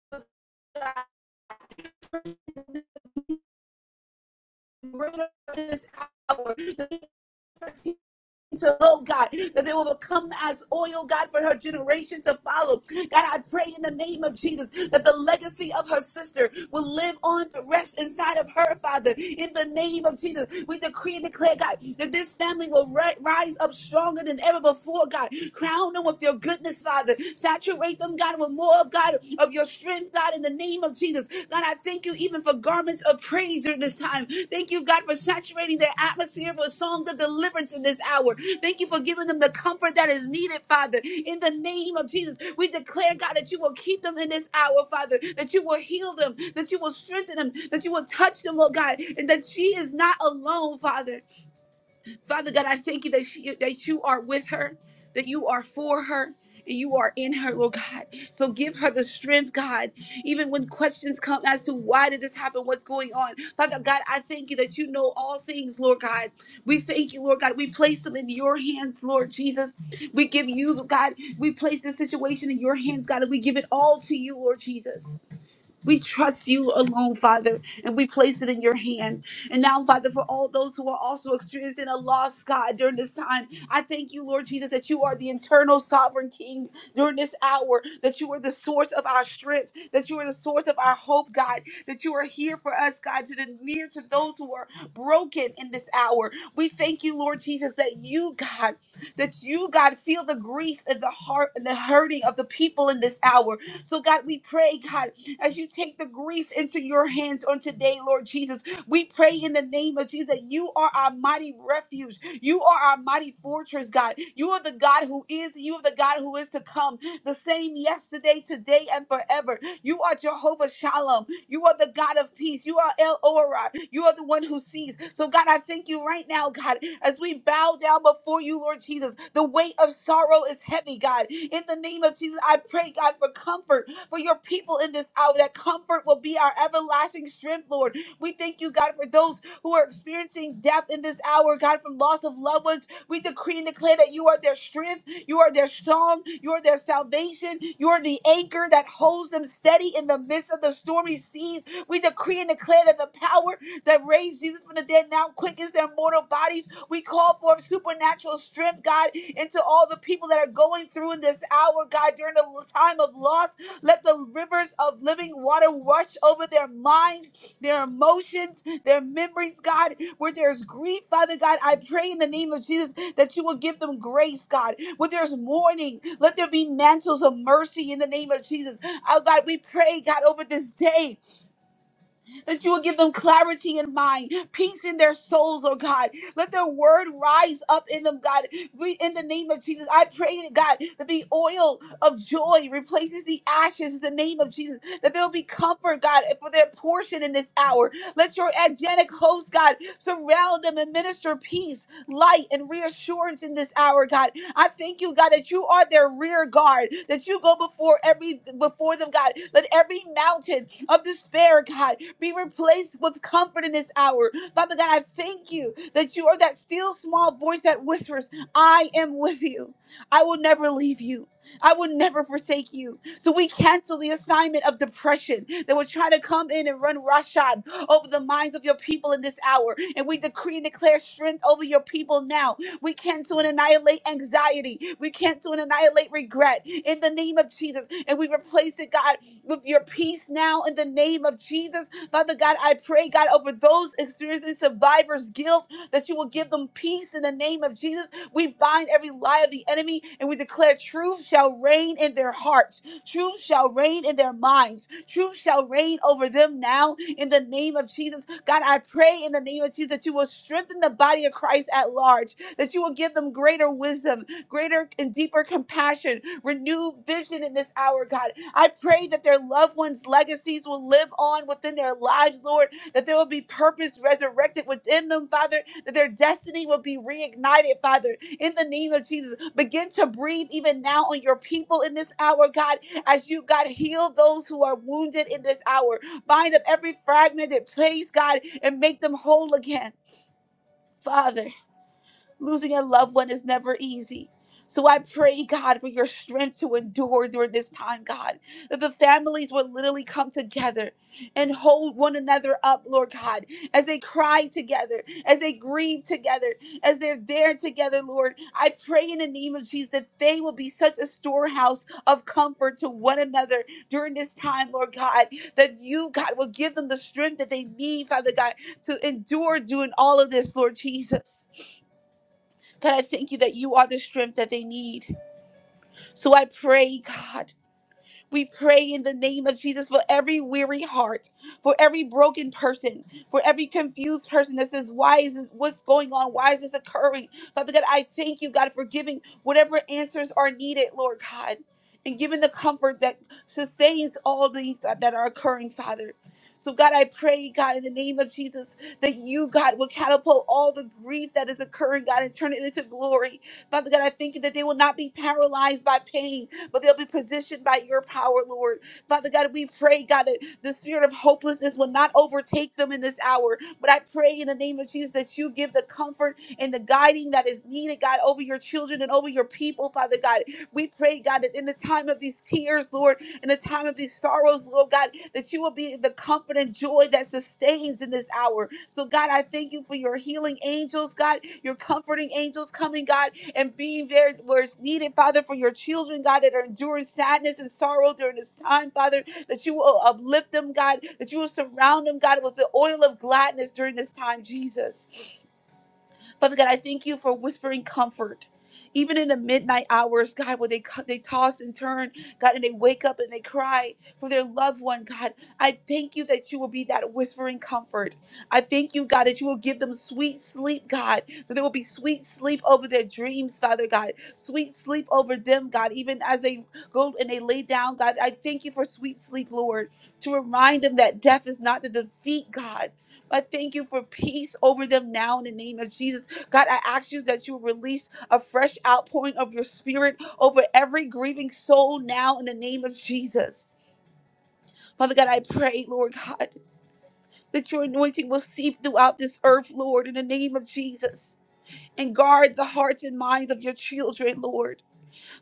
Speaker 4: peace, God. greater this hour. To, oh God, that they will become as oil, God, for her generation to follow. God, I pray in the name of Jesus that the legacy of her sister will live on the rest inside of her, Father. In the name of Jesus, we decree and declare, God, that this family will ri- rise up stronger than ever before, God. Crown them with your goodness, Father. Saturate them, God, with more of God of your strength strength, God, in the name of Jesus. God, I thank you even for garments of praise during this time. Thank you, God, for saturating their atmosphere with songs of deliverance in this hour. Thank you for giving them the comfort that is needed, Father. In the name of Jesus, we declare, God, that you will keep them in this hour, Father, that you will heal them, that you will strengthen them, that you will touch them, oh God, and that she is not alone, Father. Father God, I thank you that, she, that you are with her, that you are for her. and You are in her, Lord God. So give her the strength, God. Even when questions come as to why did this happen, what's going on, Father God, I thank you that you know all things, Lord God. We thank you, Lord God. We place them in your hands, Lord Jesus. We give you, God. We place this situation in your hands, God, and we give it all to you, Lord Jesus. We trust you alone, Father, and we place it in your hand. And now, Father, for all those who are also experiencing a loss, God, during this time, I thank you, Lord Jesus, that you are the internal sovereign King during this hour, that you are the source of our strength, that you are the source of our hope, God, that you are here for us, God, to the near to those who are broken in this hour. We thank you, Lord Jesus, that you, God, that you, God, feel the grief and the heart and the hurting of the people in this hour. So, God, we pray, God as you take the grief into your hands on today, Lord Jesus. We pray in the name of Jesus that you are our mighty refuge. You are our mighty fortress, God. You are the God who is, you are the God who is to come, the same yesterday, today, and forever. You are Jehovah Shalom. You are the God of peace. You are El Ora. You are the one who sees. So, God, I thank you right now, God, as we bow down before you, Lord Jesus. The weight of sorrow is heavy, God. In the name of Jesus, I pray, God, for comfort for your people in this hour. That comfort will be our everlasting strength, Lord. We thank you, God, for those who are experiencing death in this hour, God, from loss of loved ones. We decree and declare that you are their strength, you are their song, you are their salvation, you are the anchor that holds them steady in the midst of the stormy seas. We decree and declare that the power that raised Jesus from the dead now quickens their mortal bodies. We call forth supernatural strength, God, into all the people that are going through in this hour, God, during a time of loss let the rivers of living water rush over their minds, their emotions, their memories, God. Where there's grief, Father God, I pray in the name of Jesus that you will give them grace, God. Where there's mourning, let there be mantles of mercy in the name of Jesus. Oh, God, we pray, God, over this day that you will give them clarity in mind, peace in their souls, oh God. Let their word rise up in them, God. We, in the name of Jesus, I pray to God that the oil of joy replaces the ashes in the name of Jesus, that there will be comfort, God, for their portion in this hour. Let your angelic host, God, surround them and minister peace, light, and reassurance in this hour, God. I thank you, God, that you are their rear guard, that you go before every before them, God. Let every mountain of despair, God, be replaced with comfort in this hour. Father God, I thank you that you are that still small voice that whispers, I am with you. I will never leave you. I will never forsake you. So we cancel the assignment of depression that would try to come in and run roughshod over the minds of your people in this hour. And we decree and declare strength over your people now. We cancel and annihilate anxiety. We cancel and annihilate regret in the name of Jesus. And we replace it, God with your peace now in the name of Jesus. Father God, I pray, God, over those experiencing survivor's guilt, that you will give them peace in the name of Jesus. We bind every lie of the enemy and we declare truth shall reign in their hearts, truth shall reign in their minds, truth shall reign over them now in the name of Jesus. God, I pray in the name of Jesus that you will strengthen the body of Christ at large, that you will give them greater wisdom, greater and deeper compassion, renewed vision in this hour, God. I pray that their loved ones' legacies will live on within their lives, Lord, that there will be purpose resurrected within them, Father, that their destiny will be reignited, Father, in the name of Jesus. Begin to breathe even now on your people in this hour, God, as you, God, heal those who are wounded in this hour. Bind up every fragmented place, God, and make them whole again. Father. Losing a loved one is never easy. So I pray, God, for your strength to endure during this time, God, that the families would literally come together and hold one another up, Lord God, as they cry together, as they grieve together, as they're there together, Lord. I pray in the name of Jesus that they will be such a storehouse of comfort to one another during this time, Lord God, that you, God, will give them the strength that they need, Father God, to endure doing all of this, Lord Jesus. God, I thank you that you are the strength that they need. So I pray, God. We pray in the name of Jesus for every weary heart, for every broken person, for every confused person that says, Why is this? What's going on? Why is this occurring? Father God, I thank you, God, for giving whatever answers are needed, Lord God, and giving the comfort that sustains all these that that are occurring, Father. So, God, I pray, God, in the name of Jesus, that you, God, will catapult all the grief that is occurring, God, and turn it into glory. Father God, I thank you that they will not be paralyzed by pain, but they'll be positioned by your power, Lord. Father God, we pray, God, that the spirit of hopelessness will not overtake them in this hour. But I pray in the name of Jesus that you give the comfort and the guiding that is needed, God, over your children and over your people, Father God. We pray, God, that in the time of these tears, Lord, in the time of these sorrows, Lord God, that you will be the comfort and joy that sustains in this hour. So, God, I thank you for your healing angels, God, your comforting angels coming, God and being there where it's needed, Father, for your children, God, that are enduring sadness and sorrow during this time, Father, that you will uplift them, God, that you will surround them, God, with the oil of gladness during this time, Jesus. Father God, I thank you for whispering comfort. Even in the midnight hours, God, where they co- they toss and turn, God, and they wake up and they cry for their loved one, God, I thank you that you will be that whispering comfort. I thank you, God, that you will give them sweet sleep, God, that there will be sweet sleep over their dreams, Father God, sweet sleep over them, God, even as they go and they lay down, God. I thank you for sweet sleep, Lord, to remind them that death is not the defeat, God. I thank you for peace over them now in the name of Jesus God, I ask you that you release a fresh outpouring of your spirit over every grieving soul now in the name of Jesus. Father God, I pray, Lord God, that your anointing will seep throughout this earth, Lord, in the name of Jesus. And guard the hearts and minds of your children, Lord.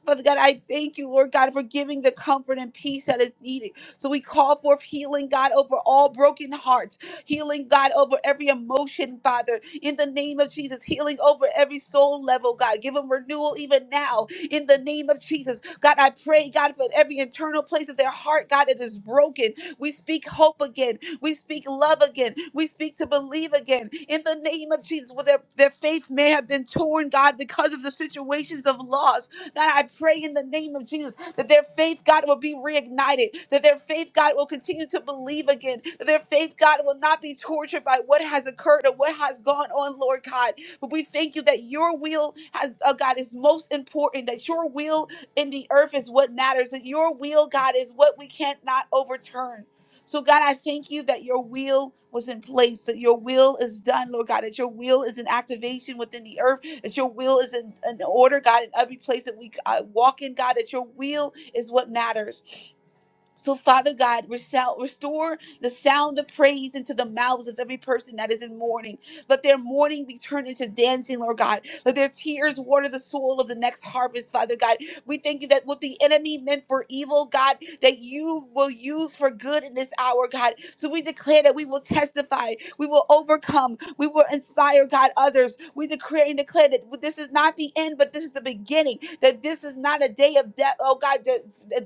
Speaker 4: Father God, I thank you, Lord God, for giving the comfort and peace that is needed. So we call forth healing, God, over all broken hearts, healing, God, over every emotion, Father, in the name of Jesus, healing over every soul level, God. Give them renewal even now, in the name of Jesus. God, I pray, God, for every internal place of their heart, God, that is broken. We speak hope again. We speak love again. We speak to believe again. In the name of Jesus, where their, their faith may have been torn, God, because of the situations of loss. God, I pray in the name of Jesus that their faith, God, will be reignited, that their faith, God, will continue to believe again, that their faith, God, will not be tortured by what has occurred or what has gone on, Lord God. But we thank you that your will has, uh, God, is most important, that your will in the earth is what matters, that your will, God, is what we cannot overturn. So, God, I thank you that your will was in place, that your will is done, Lord God, that your will is in activation within the earth that your will is in, in order, God, in every place that we uh, walk in, God, that your will is what matters. So, Father God, resou- restore the sound of praise into the mouths of every person that is in mourning. Let their mourning be turned into dancing, Lord God. Let their tears water the soil of the next harvest, Father God. We thank you that what the enemy meant for evil, God, that you will use for good in this hour, God. So we declare that we will testify, we will overcome, we will inspire, God, others. We decree and declare that this is not the end, but this is the beginning. That this is not a day of death. Oh, God, that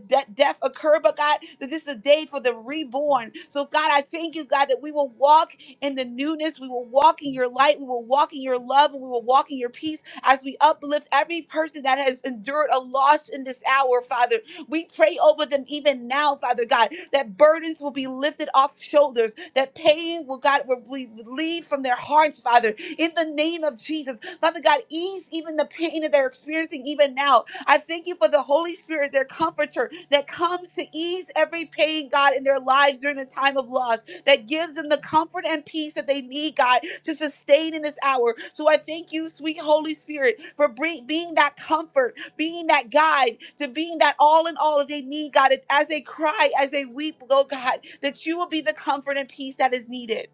Speaker 4: that death occur, but God, that this is a day for the reborn. So, God, I thank you, God, that we will walk in the newness. We will walk in your light. We will walk in your love. And we will walk in your peace as we uplift every person that has endured a loss in this hour, Father. We pray over them even now, Father God, that burdens will be lifted off shoulders that pain will God will be relieved from their hearts, Father, in the name of Jesus. Father God, ease even the pain that they're experiencing even now. I thank you for the Holy Spirit, their comforter, that comes to ease every pain, God, in their lives during a time of loss, that gives them the comfort and peace that they need, God, to sustain in this hour. So I thank you, sweet Holy Spirit, for bring, being that comfort being that guide, to being that all in all that they need, God, as they cry, as they weep, oh God, that you will be the comfort and peace that is needed.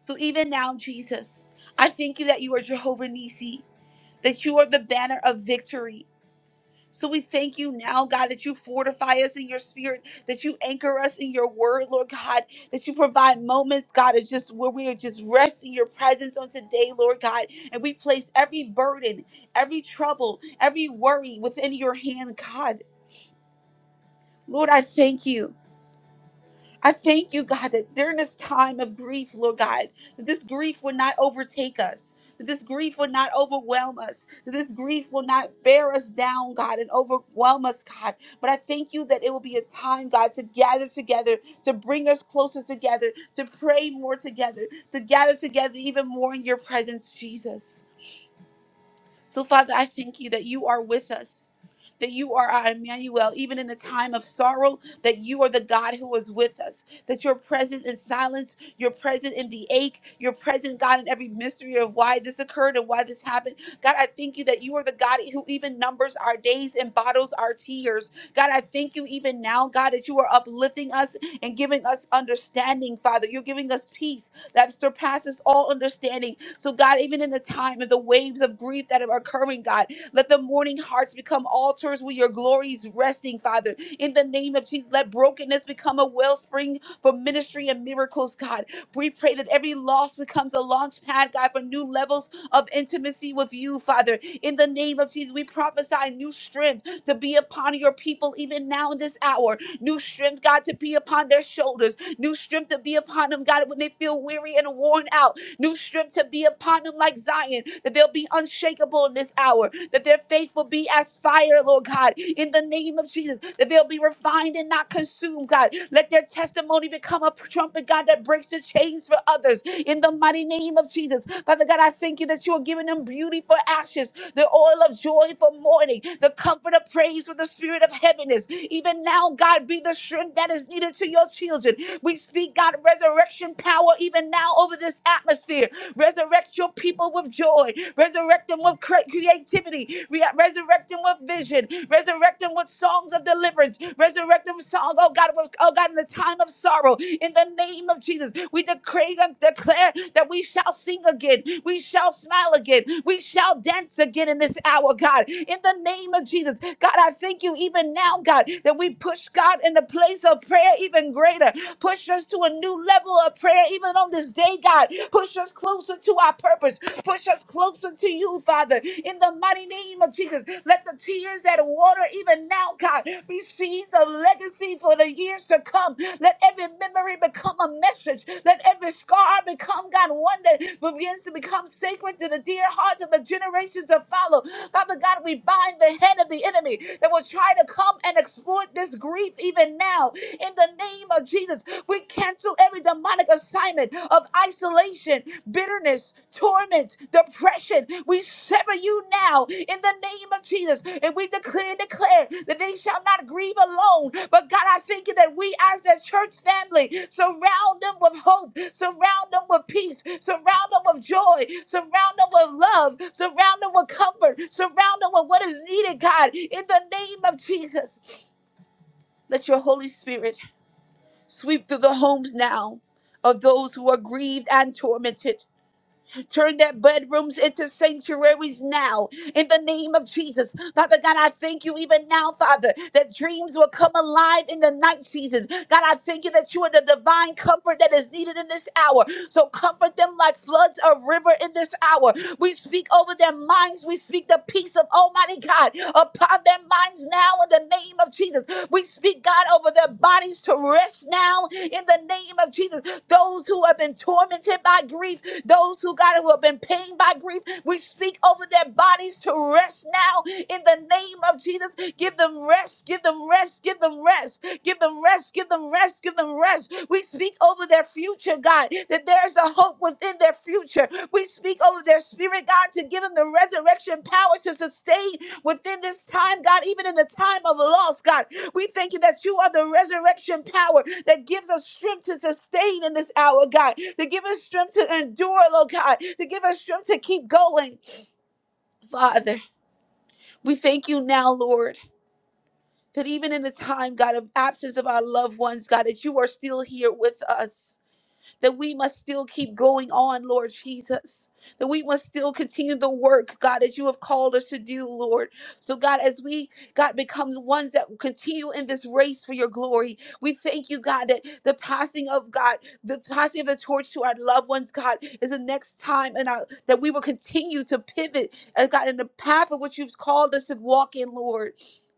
Speaker 4: So even now, Jesus, I thank you that you are Jehovah Nissi, that you are the banner of victory so we thank you now, God, that you fortify us in your spirit, that you anchor us in your word, Lord God, that you provide moments, God, of just where we are just resting your presence on today, Lord God. And we place every burden, every trouble, every worry within your hand, God. Lord, I thank you. I thank you, God, that during this time of grief, Lord God, that this grief will not overtake us. That this grief will not overwhelm us. That this grief will not bear us down, God, and overwhelm us, God. But I thank you that it will be a time, God, to gather together, to bring us closer together, to pray more together, to gather together even more in your presence, Jesus. So, Father, I thank you that you are with us, that you are our Emmanuel, even in a time of sorrow, that you are the God who is with us, that you're present in silence, you're present in the ache, you're present, God, in every mystery of why this occurred and why this happened. God, I thank you that you are the God who even numbers our days and bottles our tears. God, I thank you even now, God, that you are uplifting us and giving us understanding, Father. You're giving us peace that surpasses all understanding so, God, even in the time of the waves of grief that are occurring, God, let the mourning hearts become altars where your glory is resting, Father. In the name of Jesus, let brokenness become a wellspring for ministry and miracles, God. We pray that every loss becomes a launch pad, God, for new levels of intimacy with you, Father. In the name of Jesus, we prophesy new strength to be upon your people even now in this hour. New strength, God, to be upon their shoulders. New strength to be upon them, God, when they feel weary and worn out new strength to be upon them like Zion, that they'll be unshakable in this hour, that their faith will be as fire, Lord God, in the name of Jesus, that they'll be refined and not consumed, God. Let their testimony become a trumpet, God, that breaks the chains for others in the mighty name of Jesus. Father God, I thank you that you are giving them beauty for ashes, the oil of joy for mourning, the comfort of praise for the spirit of heaviness. Even now, God, be the strength that is needed to your children. We speak, God, resurrection power even now over this atmosphere. Resurrect your people with joy. Resurrect them with cre- creativity. Re- resurrect them with vision. Resurrect them with songs of deliverance. Resurrect them song. Oh God, with- oh God, in the time of sorrow. In the name of Jesus, we decree and declare that we shall sing again. We shall smile again. We shall dance again in this hour, God. In the name of Jesus, God, I thank you even now, God, that we push God in the place of prayer even greater. Push us to a new level of prayer, even on this day, God. Push us closer to our purpose. Push us closer to you, Father. In the mighty name of Jesus, let the tears that water even now, God, be seeds of legacy for the years to come. Let every memory become a message. Let every scar become, God, one that begins to become sacred to the dear hearts of the generations to follow. Father God, we bind the head of the enemy that will try to come and exploit this grief even now now in the name of Jesus. We cancel every demonic assignment of isolation, bitterness, torment, depression. We sever you now in the name of Jesus. And we declare and declare that they shall not grieve alone. But God, I thank you that we as a church family surround them with hope, surround them with peace, surround them with joy, surround them with love, surround them with comfort, surround them with what is needed, God, in the name of Jesus. Let your Holy Spirit Sweep through the homes now of those who are grieved and tormented. Turn their bedrooms into sanctuaries now in the name of Jesus. Father God, I thank you even now, Father, that dreams will come alive in the night season. God, I thank you that you are the divine comfort that is needed in this hour. So comfort them like floods of river in this hour. We speak over their minds. We speak the peace of Almighty God upon their minds now in the name of Jesus. We speak, God, over their bodies to rest now in the name of Jesus. Those who have been tormented by grief, those who God who have been pained by grief, we speak over their bodies to rest now in the name of Jesus. Give them rest, give them rest, give them rest, give them rest, give them rest, give them rest. We speak over their future, God, that there is a hope within their future. We speak over their spirit, God, to give them the resurrection power to sustain within this time, God, even in the time of loss, God. We thank you that you are the resurrection power that gives us strength to sustain in this hour, God, to give us strength to endure, Lord God, to give us strength to keep going. Father, we thank you now, Lord, that even in the time, God, of absence of our loved ones, God, that you are still here with us that we must still keep going on, Lord Jesus. That we must still continue the work, God, as you have called us to do, Lord. So, God, as we, God, become the ones that continue in this race for your glory, we thank you, God, that the passing of God, the passing of the torch to our loved ones, God, is the next time, and our, that we will continue to pivot, uh, God, in the path of what you've called us to walk in, Lord.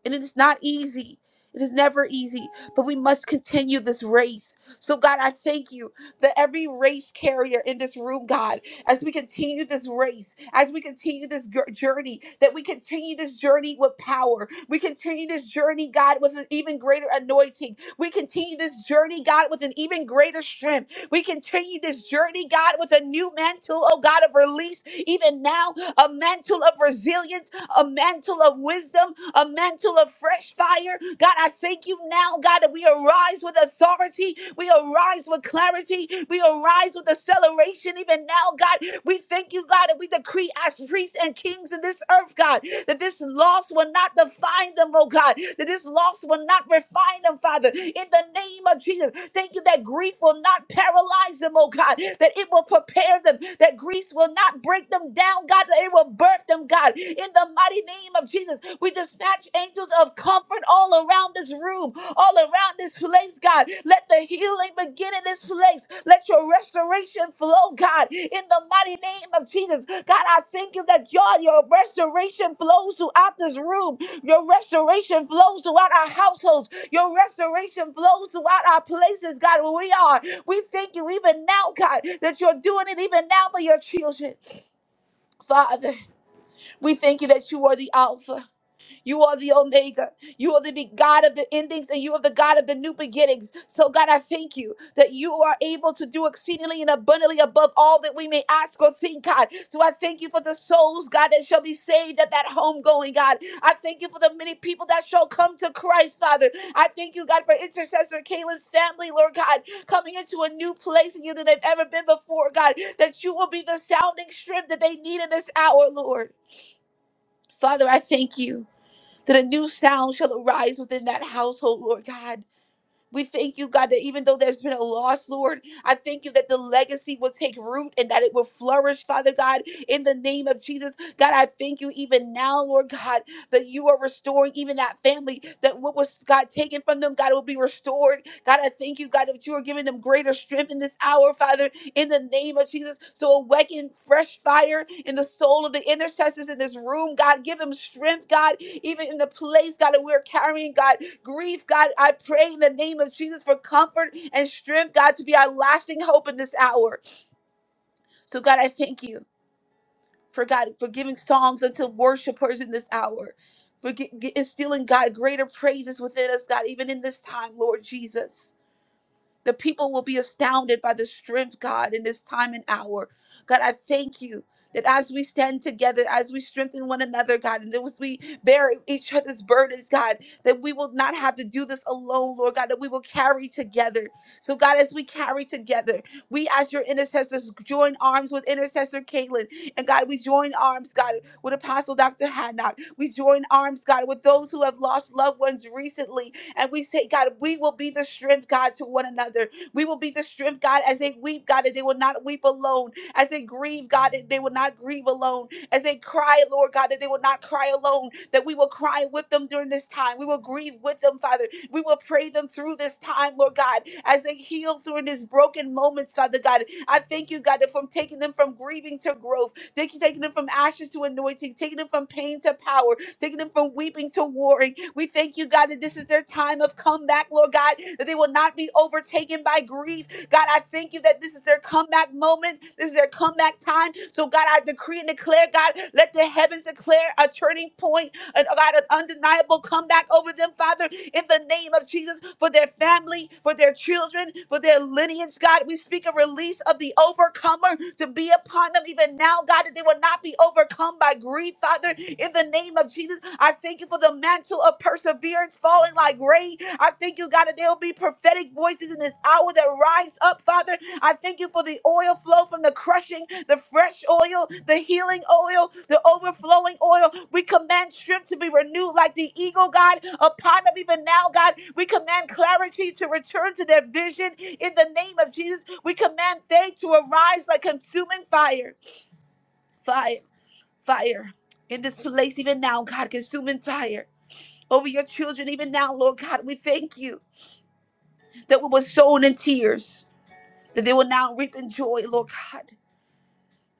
Speaker 4: And it is not easy. It is never easy, but we must continue this race. So, God, I thank you that every race carrier in this room, God, as we continue this race, as we continue this gr- journey, that we continue this journey with power. We continue this journey, God, with an even greater anointing. We continue this journey, God, with an even greater strength. We continue this journey, God, with a new mantle, oh God, of release, even now, a mantle of resilience, a mantle of wisdom, a mantle of fresh fire. God, I thank you now, God, that we arise with authority. We arise with clarity. We arise with acceleration. Even now, God, we thank you, God, that we decree as priests and kings in this earth, God, that this loss will not define them, oh God, that this loss will not refine them, Father, in the name of Jesus. Thank you that grief will not paralyze them, oh God, that it will prepare them, that grief will not break them down, God, that it will birth them, God, in the mighty name of Jesus, we dispatch angels of comfort all around this room, all around this place, God. Let the healing begin in this place. Let your restoration flow, God. In the mighty name of Jesus, God, I thank you that your, your restoration flows throughout this room. Your restoration flows throughout our households. Your restoration flows throughout our places, God, where we are. We thank you even now, God, that you're doing it even now for your children, Father. We thank you that you are the Alpha, you are the Omega, you are the be- God of the endings, and you are the God of the new beginnings. So, God, I thank you that you are able to do exceedingly and abundantly above all that we may ask or think, God. So, I thank you for the souls, God, that shall be saved at that homegoing, God. I thank you for the many people that shall come to Christ, Father. I thank you, God, for intercessor Kayla's family, Lord God, coming into a new place in you than they've ever been before, God, that you will be the sounding strip that they need in this hour, Lord. Father, I thank you that a new sound shall arise within that household, Lord God. We thank you, God, that even though there's been a loss, Lord, I thank you that the legacy will take root and that it will flourish, Father God, in the name of Jesus. God, I thank you even now, Lord God, that you are restoring even that family, that what was, God, taken from them, God, will be restored. God, I thank you, God, that you are giving them greater strength in this hour, Father, in the name of Jesus. So awaken fresh fire in the soul of the intercessors in this room, God. Give them strength, God, even in the place, God, that we're carrying, God grief, God. I pray in the name of Jesus for comfort and strength, God, to be our lasting hope in this hour. So, God, I thank you for God for giving songs unto worshipers in this hour, for gi- gi- instilling God greater praises within us, God, even in this time, Lord Jesus. The people will be astounded by the strength, God, in this time and hour. God, I thank you that as we stand together, as we strengthen one another, God, and as we bear each other's burdens, God, that we will not have to do this alone, Lord God, that we will carry together. So, God, as we carry together, we as your intercessors join arms with intercessor Caitlin. And God, we join arms, God, with Apostle Dr. Hadnock. We join arms, God, with those who have lost loved ones recently. And we say, God, we will be the strength, God, to one another. We will be the strength, God, as they weep, God, and they will not weep alone. As they grieve, God, and they will not grieve alone. As they cry, Lord God, that they will not cry alone. That we will cry with them during this time. We will grieve with them, Father. We will pray them through this time, Lord God, as they heal through these broken moments, Father God. I thank you, God, that from taking them from grieving to growth, thank you taking them from ashes to anointing, taking them from pain to power, taking them from weeping to warring. We thank you, God, that this is their time of comeback, Lord God, that they will not be overtaken by grief. God, I thank you that this is their comeback moment. This is their comeback time. So, God, I decree and declare, God, let the heavens declare a turning point and God, an undeniable comeback over them, Father, in the name of Jesus, for their family, for their children, for their lineage, God. We speak a release of the overcomer to be upon them even now, God, that they will not be overcome by grief, Father, in the name of Jesus. I thank you for the mantle of perseverance falling like rain. I thank you, God, that there will be prophetic voices in this hour that rise up, Father. I thank you for the oil flow from the crushing, the fresh oil, the healing oil, the overflowing oil. We command strength to be renewed like the eagle, God, upon them even now, God. We command clarity to return to their vision in the name of Jesus. We command faith to arise like consuming fire, fire, fire in this place, even now, God, consuming fire. Over your children, even now, Lord God, we thank you that we were sown in tears. that they will now reap in joy, Lord God.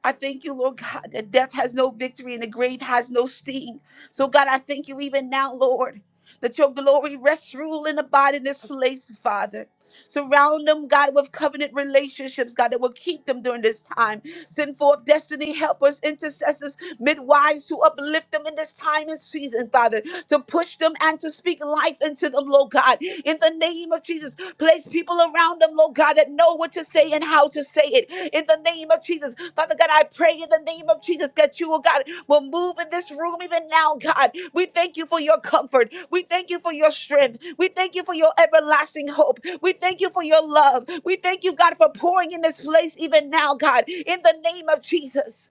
Speaker 4: I thank you, Lord God, that death has no victory and the grave has no sting. So, God, I thank you even now, Lord, that your glory rests, rule, and abide in this place, Father. Surround them, God, with covenant relationships, God, that will keep them during this time. Send forth destiny helpers, intercessors, midwives to uplift them in this time and season, Father, to push them and to speak life into them, Lord God. In the name of Jesus, Place people around them, Lord God, that know what to say and how to say it. In the name of Jesus. Father God, I pray in the name of Jesus that you, oh God, will move in this room even now, God. We thank you for your comfort. We thank you for your strength. We thank you for your everlasting hope. We thank you for your love. We thank you, God, for pouring in this place even now, God, in the name of Jesus.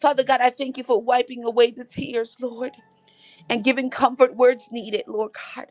Speaker 4: Father God, I thank you for wiping away the tears, Lord, and giving comfort where it's needed, Lord God.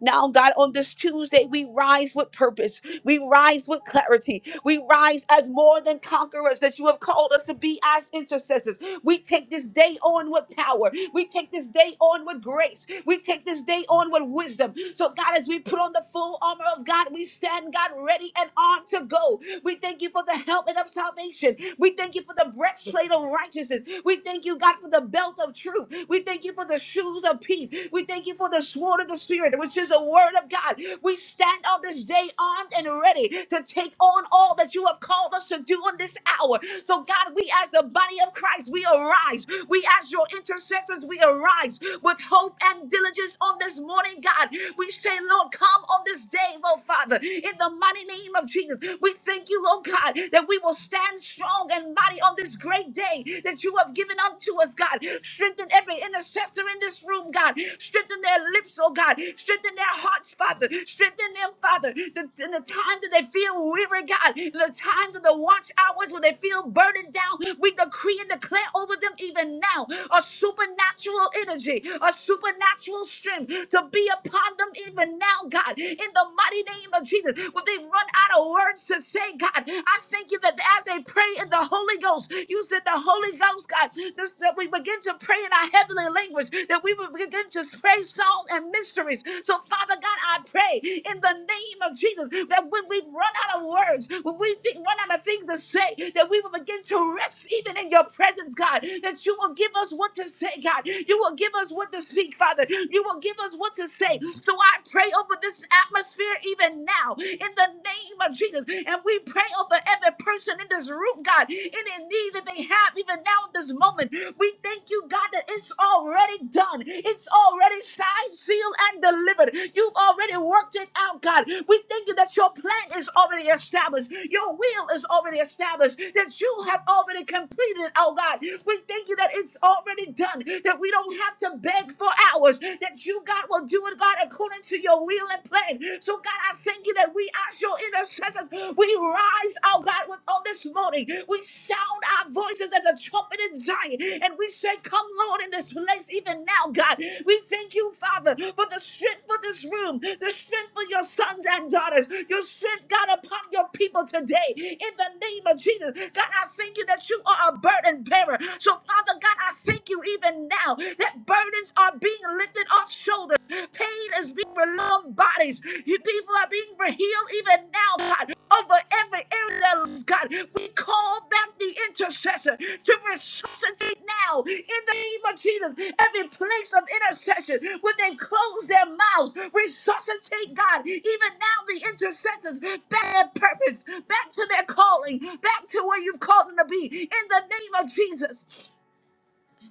Speaker 4: Now, God, on this Tuesday, we rise with purpose. We rise with clarity. We rise as more than conquerors that you have called us to be as intercessors. We take this day on with power. We take this day on with grace. We take this day on with wisdom. So, God, as we put on the full armor of God, we stand, God, ready and armed to go. We thank you for the helmet of salvation. We thank you for the breastplate of righteousness. We thank you, God, for the belt of truth. We thank you for the shoes of peace. We thank you for the sword of the spirit spirit, which is the word of God. We stand on this day armed and ready to take on all that you have called us to do in this hour. So, God, we as the body of Christ, we arise. We as your intercessors, we arise with hope and diligence on this morning, God. We say, Lord, come on this day, Lord Father, in the mighty name of Jesus. We thank you, Lord God, that we will stand strong and mighty on this great day that you have given unto us, God. Strengthen every every intercessor in this room, God. Strengthen their lips, oh God. Strengthen their hearts, Father. Strengthen them, Father. The- in the times that they feel weary, God. In the times of the watch hours when they feel burdened down, we decree and declare over them even now a supernatural energy, a supernatural strength to be upon them even now, God. In the mighty name of Jesus, when they run out of words to say, God, I thank you that as they pray in the Holy Ghost, you said the Holy Ghost, God, this, that we begin to pray in our heavenly language, that we will begin to pray songs and mysteries. So, Father God, I pray in the name of Jesus that when we run out of words, when we think, run out of things to say, that we will begin to rest even in your presence, God, that you will give us what to say, God. You will give us what to speak, Father. You will give us what to say. So, I pray over this atmosphere even now in the name of Jesus. And God. We pray over every person in this room, God, any need that they have, even now in this moment. We thank you, God, that it's already done. It's already signed, sealed, and delivered. You've already worked it out, God. We thank you that your plan is already established. Your will is already established. That you have already completed it, oh God. We thank you that it's already done. That we don't have to beg for hours. That you, God, will do it, God, according to your will and plan plan. So, God, I thank you that we are your intercessors. We rise, oh God, with on this morning. We sound our voices as a trumpet in Zion. And we say, Come, Lord, in this place, even now, God. We thank you, Father, for the strength for this room, the strength for your sons and daughters, your strength, God, upon your people today. In the name of Jesus, God, I thank you that you are a burden bearer. So, Father God, I thank you even now that burdens are bearing being lifted off shoulders. Pain is being relieved bodies. You people are being healed even now, God, over every area of their lives, God. We call back the intercessor to resuscitate now in the name of Jesus. Every place of intercession, when they close their mouths, resuscitate God. Even now, the intercessors back to their purpose, back to their calling, back to where you've called them to be. In the name of Jesus,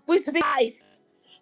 Speaker 4: we speak life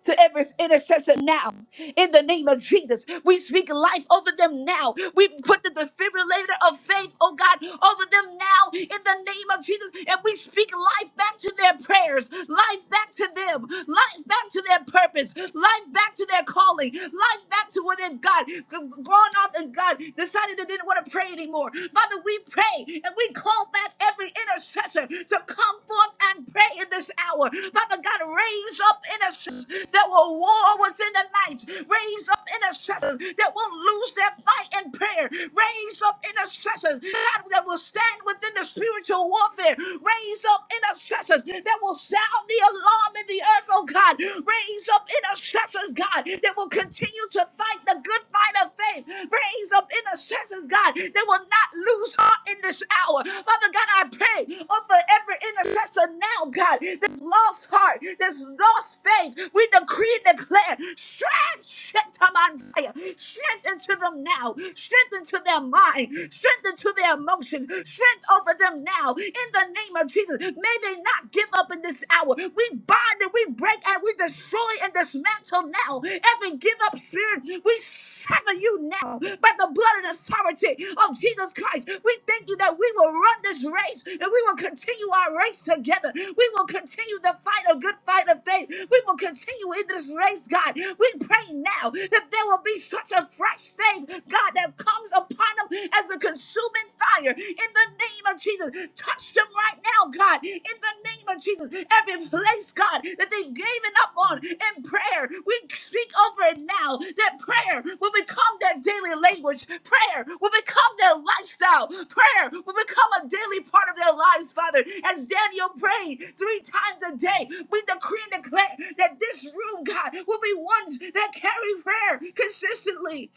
Speaker 4: to every intercessor now. In the name of Jesus, we speak life over them now. We put the defibrillator of faith, oh God, over them now. In the name of Jesus, and we speak life back to their prayers, life back to them, life back to their purpose, life back to their calling, life back to where they've God gone off and God decided they didn't want to pray anymore. Father, we pray and we call back every intercessor intercessor to come forth and pray in this hour. Father God, raise up intercessors that will war within the night. Raise up intercessors that won't lose their fight in prayer. Raise up intercessors God, that will stand within the spiritual warfare. Raise up intercessors that will sound the alarm in the earth, oh God. Raise up intercessors, God, that will continue to fight the good fight of faith raise up intercessors, God, that will not lose heart in this hour. Father God, I pray oh, for every intercessor now, God, this lost heart, this lost faith. We decree and declare strength, strength to my desire. strength into them now, strength into their mind, strength into their emotions, strength over them now. In the name of Jesus, may they not give up in this hour. We bind and we break and we destroy and dismantle now every give up spirit. We sever you now by the blood and authority of Jesus Christ. We thank you that we will run this race and we will continue our race together. We will continue the fight, a good fight of faith. We will continue in this race, God. We pray now that there will be such a fresh faith, God, that comes upon them as a consuming fire in the name of Jesus. Touch them right now, God, in the name of Jesus. Every place, God, that they've given up on in prayer, we speak over it now that prayer will become their daily language, prayer will become their lifestyle, prayer will become a daily part of their lives, Father. As Daniel prayed three times a day, we decree and declare that this room, God, will be ones that carry prayer consistently,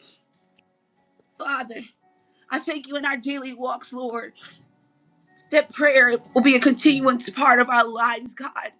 Speaker 4: Father. I thank you in our daily walks, Lord that prayer will be a continuing part of our lives, God.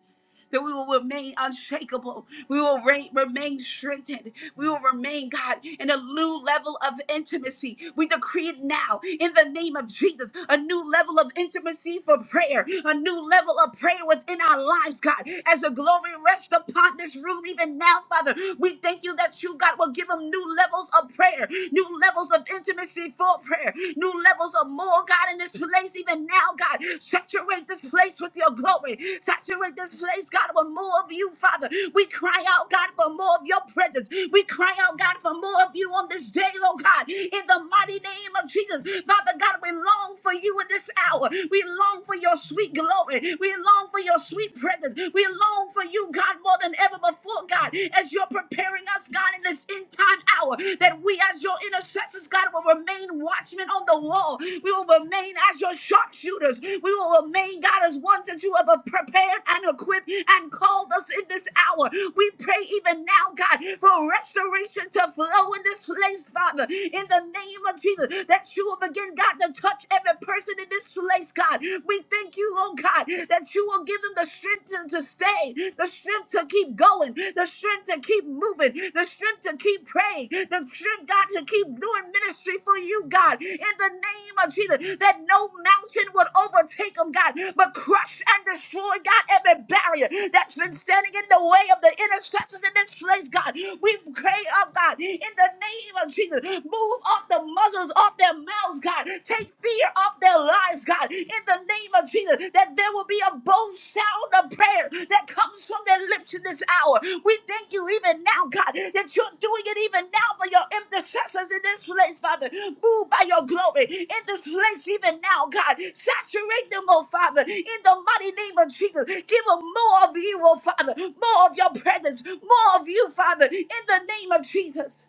Speaker 4: That we will remain unshakable. We will re- remain strengthened. We will remain, God, in a new level of intimacy. We decree it now in the name of Jesus. A new level of intimacy for prayer. A new level of prayer within our lives, God. As the glory rests upon this room even now, Father, we thank you that you, God, will give them new levels of prayer, new levels of intimacy for prayer, new levels of more, God, in the in this place even now, God. Saturate this place with your glory. Saturate this place, God, with more of you, Father. We cry out, God, for more of your presence. We cry out, God, for more of you on this day, oh God. In the mighty name of Jesus, Father God, we long for you in this hour. We long for your sweet glory. We long for your sweet presence. We long for you, God, more than ever before, God, as you're preparing us, God, in this end time hour, that we as your intercessors, God, will remain watchmen on the wall. We will remain as your sharpshooters. We will remain, God, as ones that you have uh, prepared and equipped and called us in this hour. We pray even now, God, for restoration to flow in this place, Father, in the name of Jesus, that you will begin, God, to touch every person in this place, God. We thank you, Lord God, that you will give them the strength to to stand stay, the strength to keep going, the strength to keep moving, the strength to keep praying, the strength, God, to keep doing ministry for you, God, in the name of Jesus, that no mountain would overtake them, God, but crush and destroy, God, every barrier that's been standing in the way of the intercessors in this place, God. We pray, oh God, in the name of Jesus, move off the muzzles off their mouths, God. Take fear off their lives, God, in the name of Jesus, that there will be a bold sound of prayer that comes from their lips in this hour. We thank you even now, God, that you're doing it even now for your intercessors in this place, Father. Move by your glory in this place even now, God. Saturate them, oh Father, in the mighty name of Jesus. Give them more of you, oh Father, more of your presence, more of you, Father, in the name of Jesus,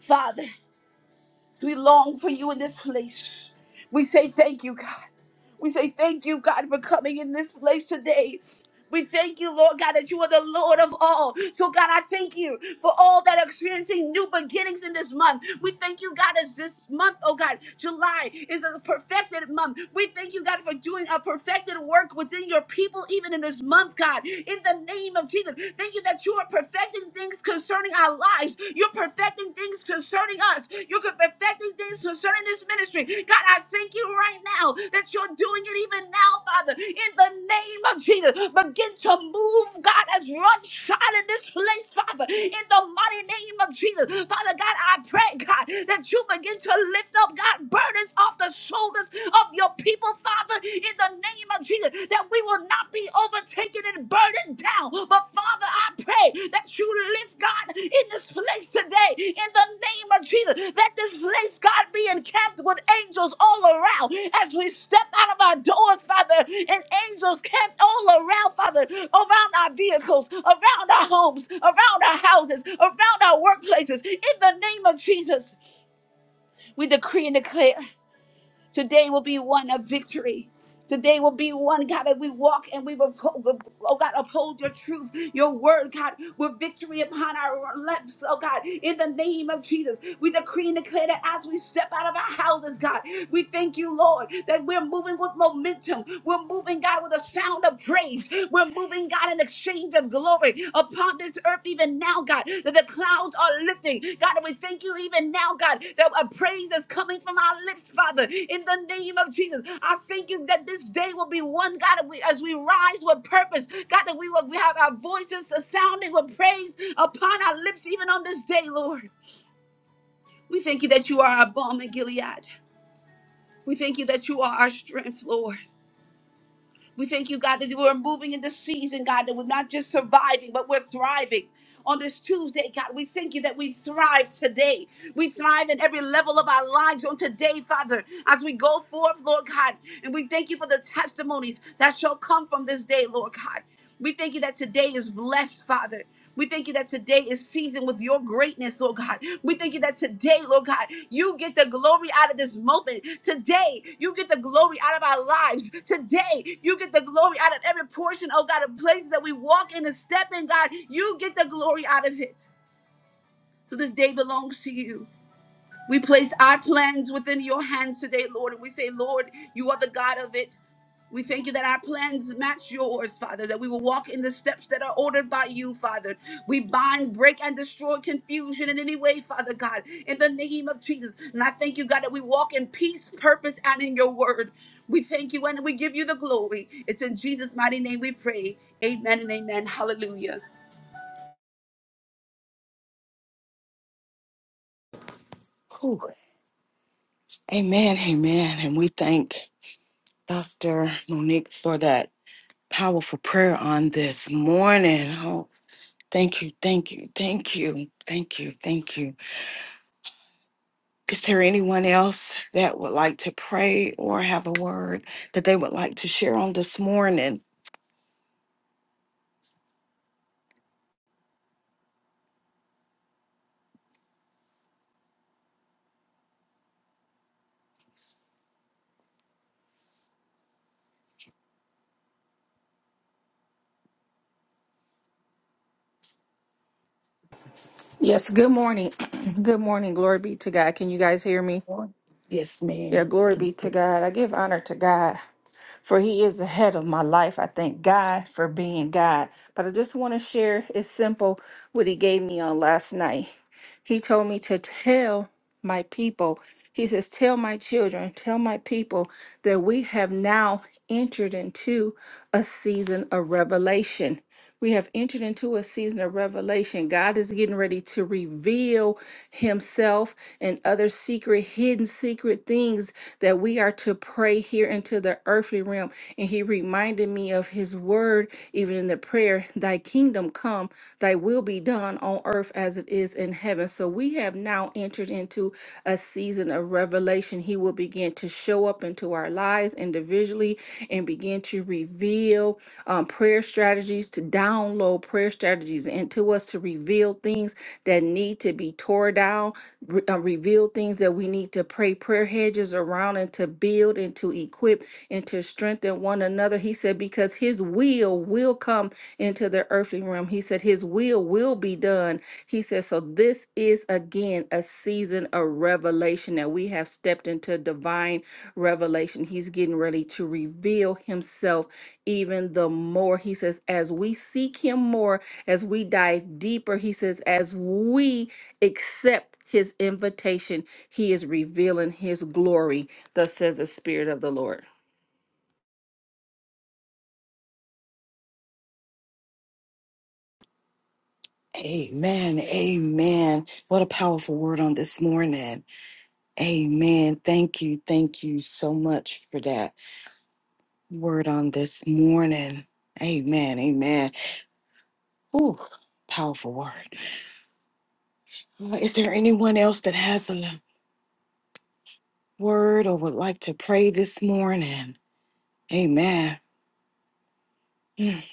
Speaker 4: Father. We long for you in this place. We say thank you, God. We say thank you, God, for coming in this place today. We thank you, Lord God, that you are the Lord of all. So, God, I thank you for all that are experiencing new beginnings in this month. We thank you, God, as this month, oh God, July is a perfected month. We thank you, God, for doing a perfected work within your people, even in this month, God. In the name of Jesus, thank you that you are perfecting things concerning our lives. You're you're perfecting things concerning us. You're perfecting things concerning this ministry. God, I thank you right now that you're doing it even now, Father, in the name of Jesus. Begin to move, God, as run shot in this place, Father, in the mighty name of Jesus. Father God, I pray, God, that you begin to lift up, God, burdens off the shoulders of your people, Father, in the name of Jesus, that we will not be overtaken and burdened down. But Father, I pray that you lift God in this place today in the name of Jesus. That this place, God, be encamped with angels all around as we step out of our doors, Father, and angels camped all around, Father, around our vehicles, around our homes, around our houses, around our workplaces. In the name of Jesus, we decree and declare. Today will be one of victory. Today will be one, God, that we walk and we will, oh God, uphold your truth, your word, God, with victory upon our lips, oh God, in the name of Jesus. We decree and declare that as we step out of our houses, God, we thank you, Lord, that we're moving with momentum. We're moving, God, with a sound of praise. We're moving bring, God, an exchange of glory upon this earth, even now, God, that the clouds are lifting. God, and we thank you even now, God, that a praise is coming from our lips, Father, in the name of Jesus. I thank you that this day will be one, God, and we- as we rise with purpose, God, that we will we have our voices sounding with praise upon our lips, even on this day, Lord. We thank you that you are our balm in Gilead. We thank you that you are our strength, Lord. We thank you, God, that we're moving in this season, God, that we're not just surviving, but we're thriving. On this Tuesday, God, we thank you that we thrive today. We thrive in every level of our lives on today, Father, as we go forth, Lord God. And we thank you for the testimonies that shall come from this day, Lord God. We thank you that today is blessed, Father. We thank you that today is seasoned with your greatness, Lord God. We thank you that today, Lord God, you get the glory out of this moment. Today, you get the glory out of our lives. Today, you get the glory out of every portion, oh God, of places that we walk in and step in, God. You get the glory out of it. So this day belongs to you. We place our plans within your hands today, Lord, and we say, Lord, you are the God of it. We thank you that our plans match yours, Father, that we will walk in the steps that are ordered by you, Father. We bind, break, and destroy confusion in any way, Father God, in the name of Jesus. And I thank you, God, that we walk in peace, purpose, and in your word. We thank you and we give you the glory. It's in Jesus' mighty name we pray. Amen and amen. Hallelujah.
Speaker 2: Whew. Amen, amen. And we thank Dr. Monique for that powerful prayer on this morning. Oh, thank you, thank you, thank you, thank you, thank you. Is there anyone else that would like to pray or have a word that they would like to share on this morning?
Speaker 5: Yes, good morning. [CLEARS THROAT] good morning. Glory be to God. Can you guys hear me?
Speaker 2: Yes,
Speaker 5: Yeah,
Speaker 2: ma'am.
Speaker 5: glory
Speaker 2: Thank-
Speaker 5: be to God. I give honor to God, for He is the head of my life. I thank God for being God. But I just want to share, it's simple, what He gave me on last night. He told me to tell my people, He says, Tell my children, tell my people that we have now entered into a season of revelation. We have entered into a season of revelation. God is getting ready to reveal Himself and other secret, hidden secret things that we are to pray here into the earthly realm. And He reminded me of His word, even in the prayer, Thy kingdom come, Thy will be done on earth as it is in heaven. So we have now entered into a season of revelation. He will begin to show up into our lives individually and begin to reveal um, prayer strategies, to download prayer strategies into us, to reveal things that need to be tore down, re- uh, reveal things that we need to pray prayer hedges around and to build and to equip and to strengthen one another. He said, because his will will come into the earthly realm. He said, his will will will will be done. He says, So this is again a season of revelation that we have stepped into divine revelation. He's getting ready to reveal himself even the more. He says, As we seek him more, as we dive deeper, he says, As we accept his invitation, he is revealing his glory, thus says the Spirit of the Lord.
Speaker 2: Amen. Amen. What a powerful word on this morning. Amen. Thank you. Thank you so much for that word on this morning. Amen. Amen. Ooh, powerful word. Uh, Is there anyone else that has a word or would like to pray this morning? Amen. Mm.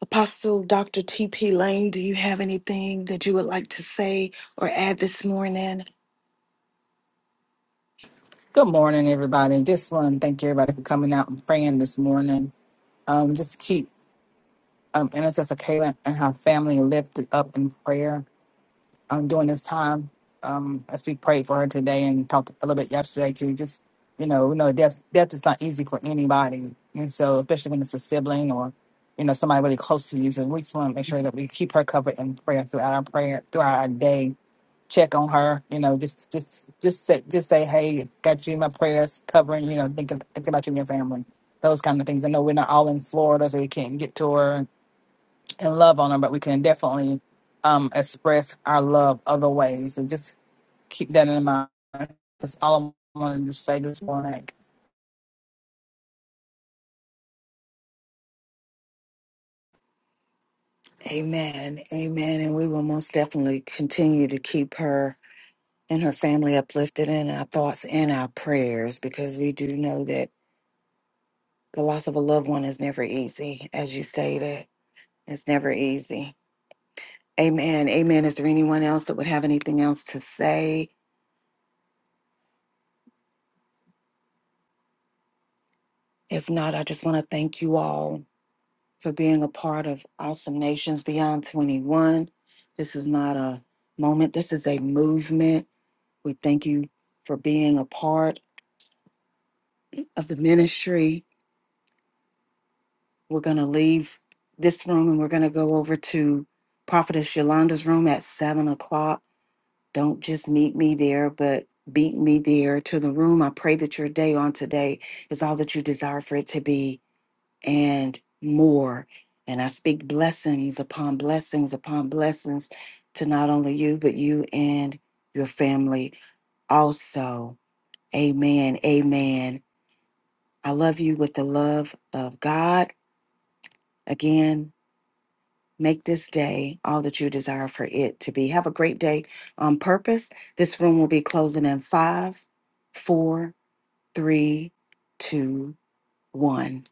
Speaker 2: Apostle Dr. T.P. Lane, do you have anything that you would like to say or add this morning?
Speaker 6: Good morning, everybody. Just want to thank everybody for coming out and praying this morning. Um, just keep um, Intercessor Kayla and her family lifted up in prayer um, during this time. Um, as we prayed for her today and talked a little bit yesterday too. Just you know, we know death death is not easy for anybody, and so especially when it's a sibling or you know somebody really close to you. So we just want to make sure that we keep her covered in prayer throughout our prayer throughout our day check on her. You know, just just just say just say, hey, got you in my prayers, covering. You know, thinking thinking about you and your family. Those kind of things. I know we're not all in Florida, so we can't get to her and love on her, but we can definitely um, express our love other ways. So just keep that in mind. That's all I'm going to say this morning.
Speaker 2: Amen. Amen. And we will most definitely continue to keep her. and her family uplifted in our thoughts and our prayers because we do know that the loss of a loved one is never easy, as you stated. It's never easy. Amen. Amen. Is there anyone else that would have anything else to say? If not, I just want to thank you all for being a part of Awesome Nations Beyond 21. This is not a moment, this is a movement. We thank you for being a part of the ministry We're going to leave this room and we're going to go over to Prophetess Yolanda's room at seven o'clock. Don't just meet me there, but beat me there to the room. I pray that your day on today is all that you desire for it to be and more. And I speak blessings upon blessings upon blessings to not only you, but you and your family also. Amen. Amen. I love you with the love of God. Again, Make this day all that you desire for it to be. Have a great day on purpose. This room will be closing in five, four, three, two, one.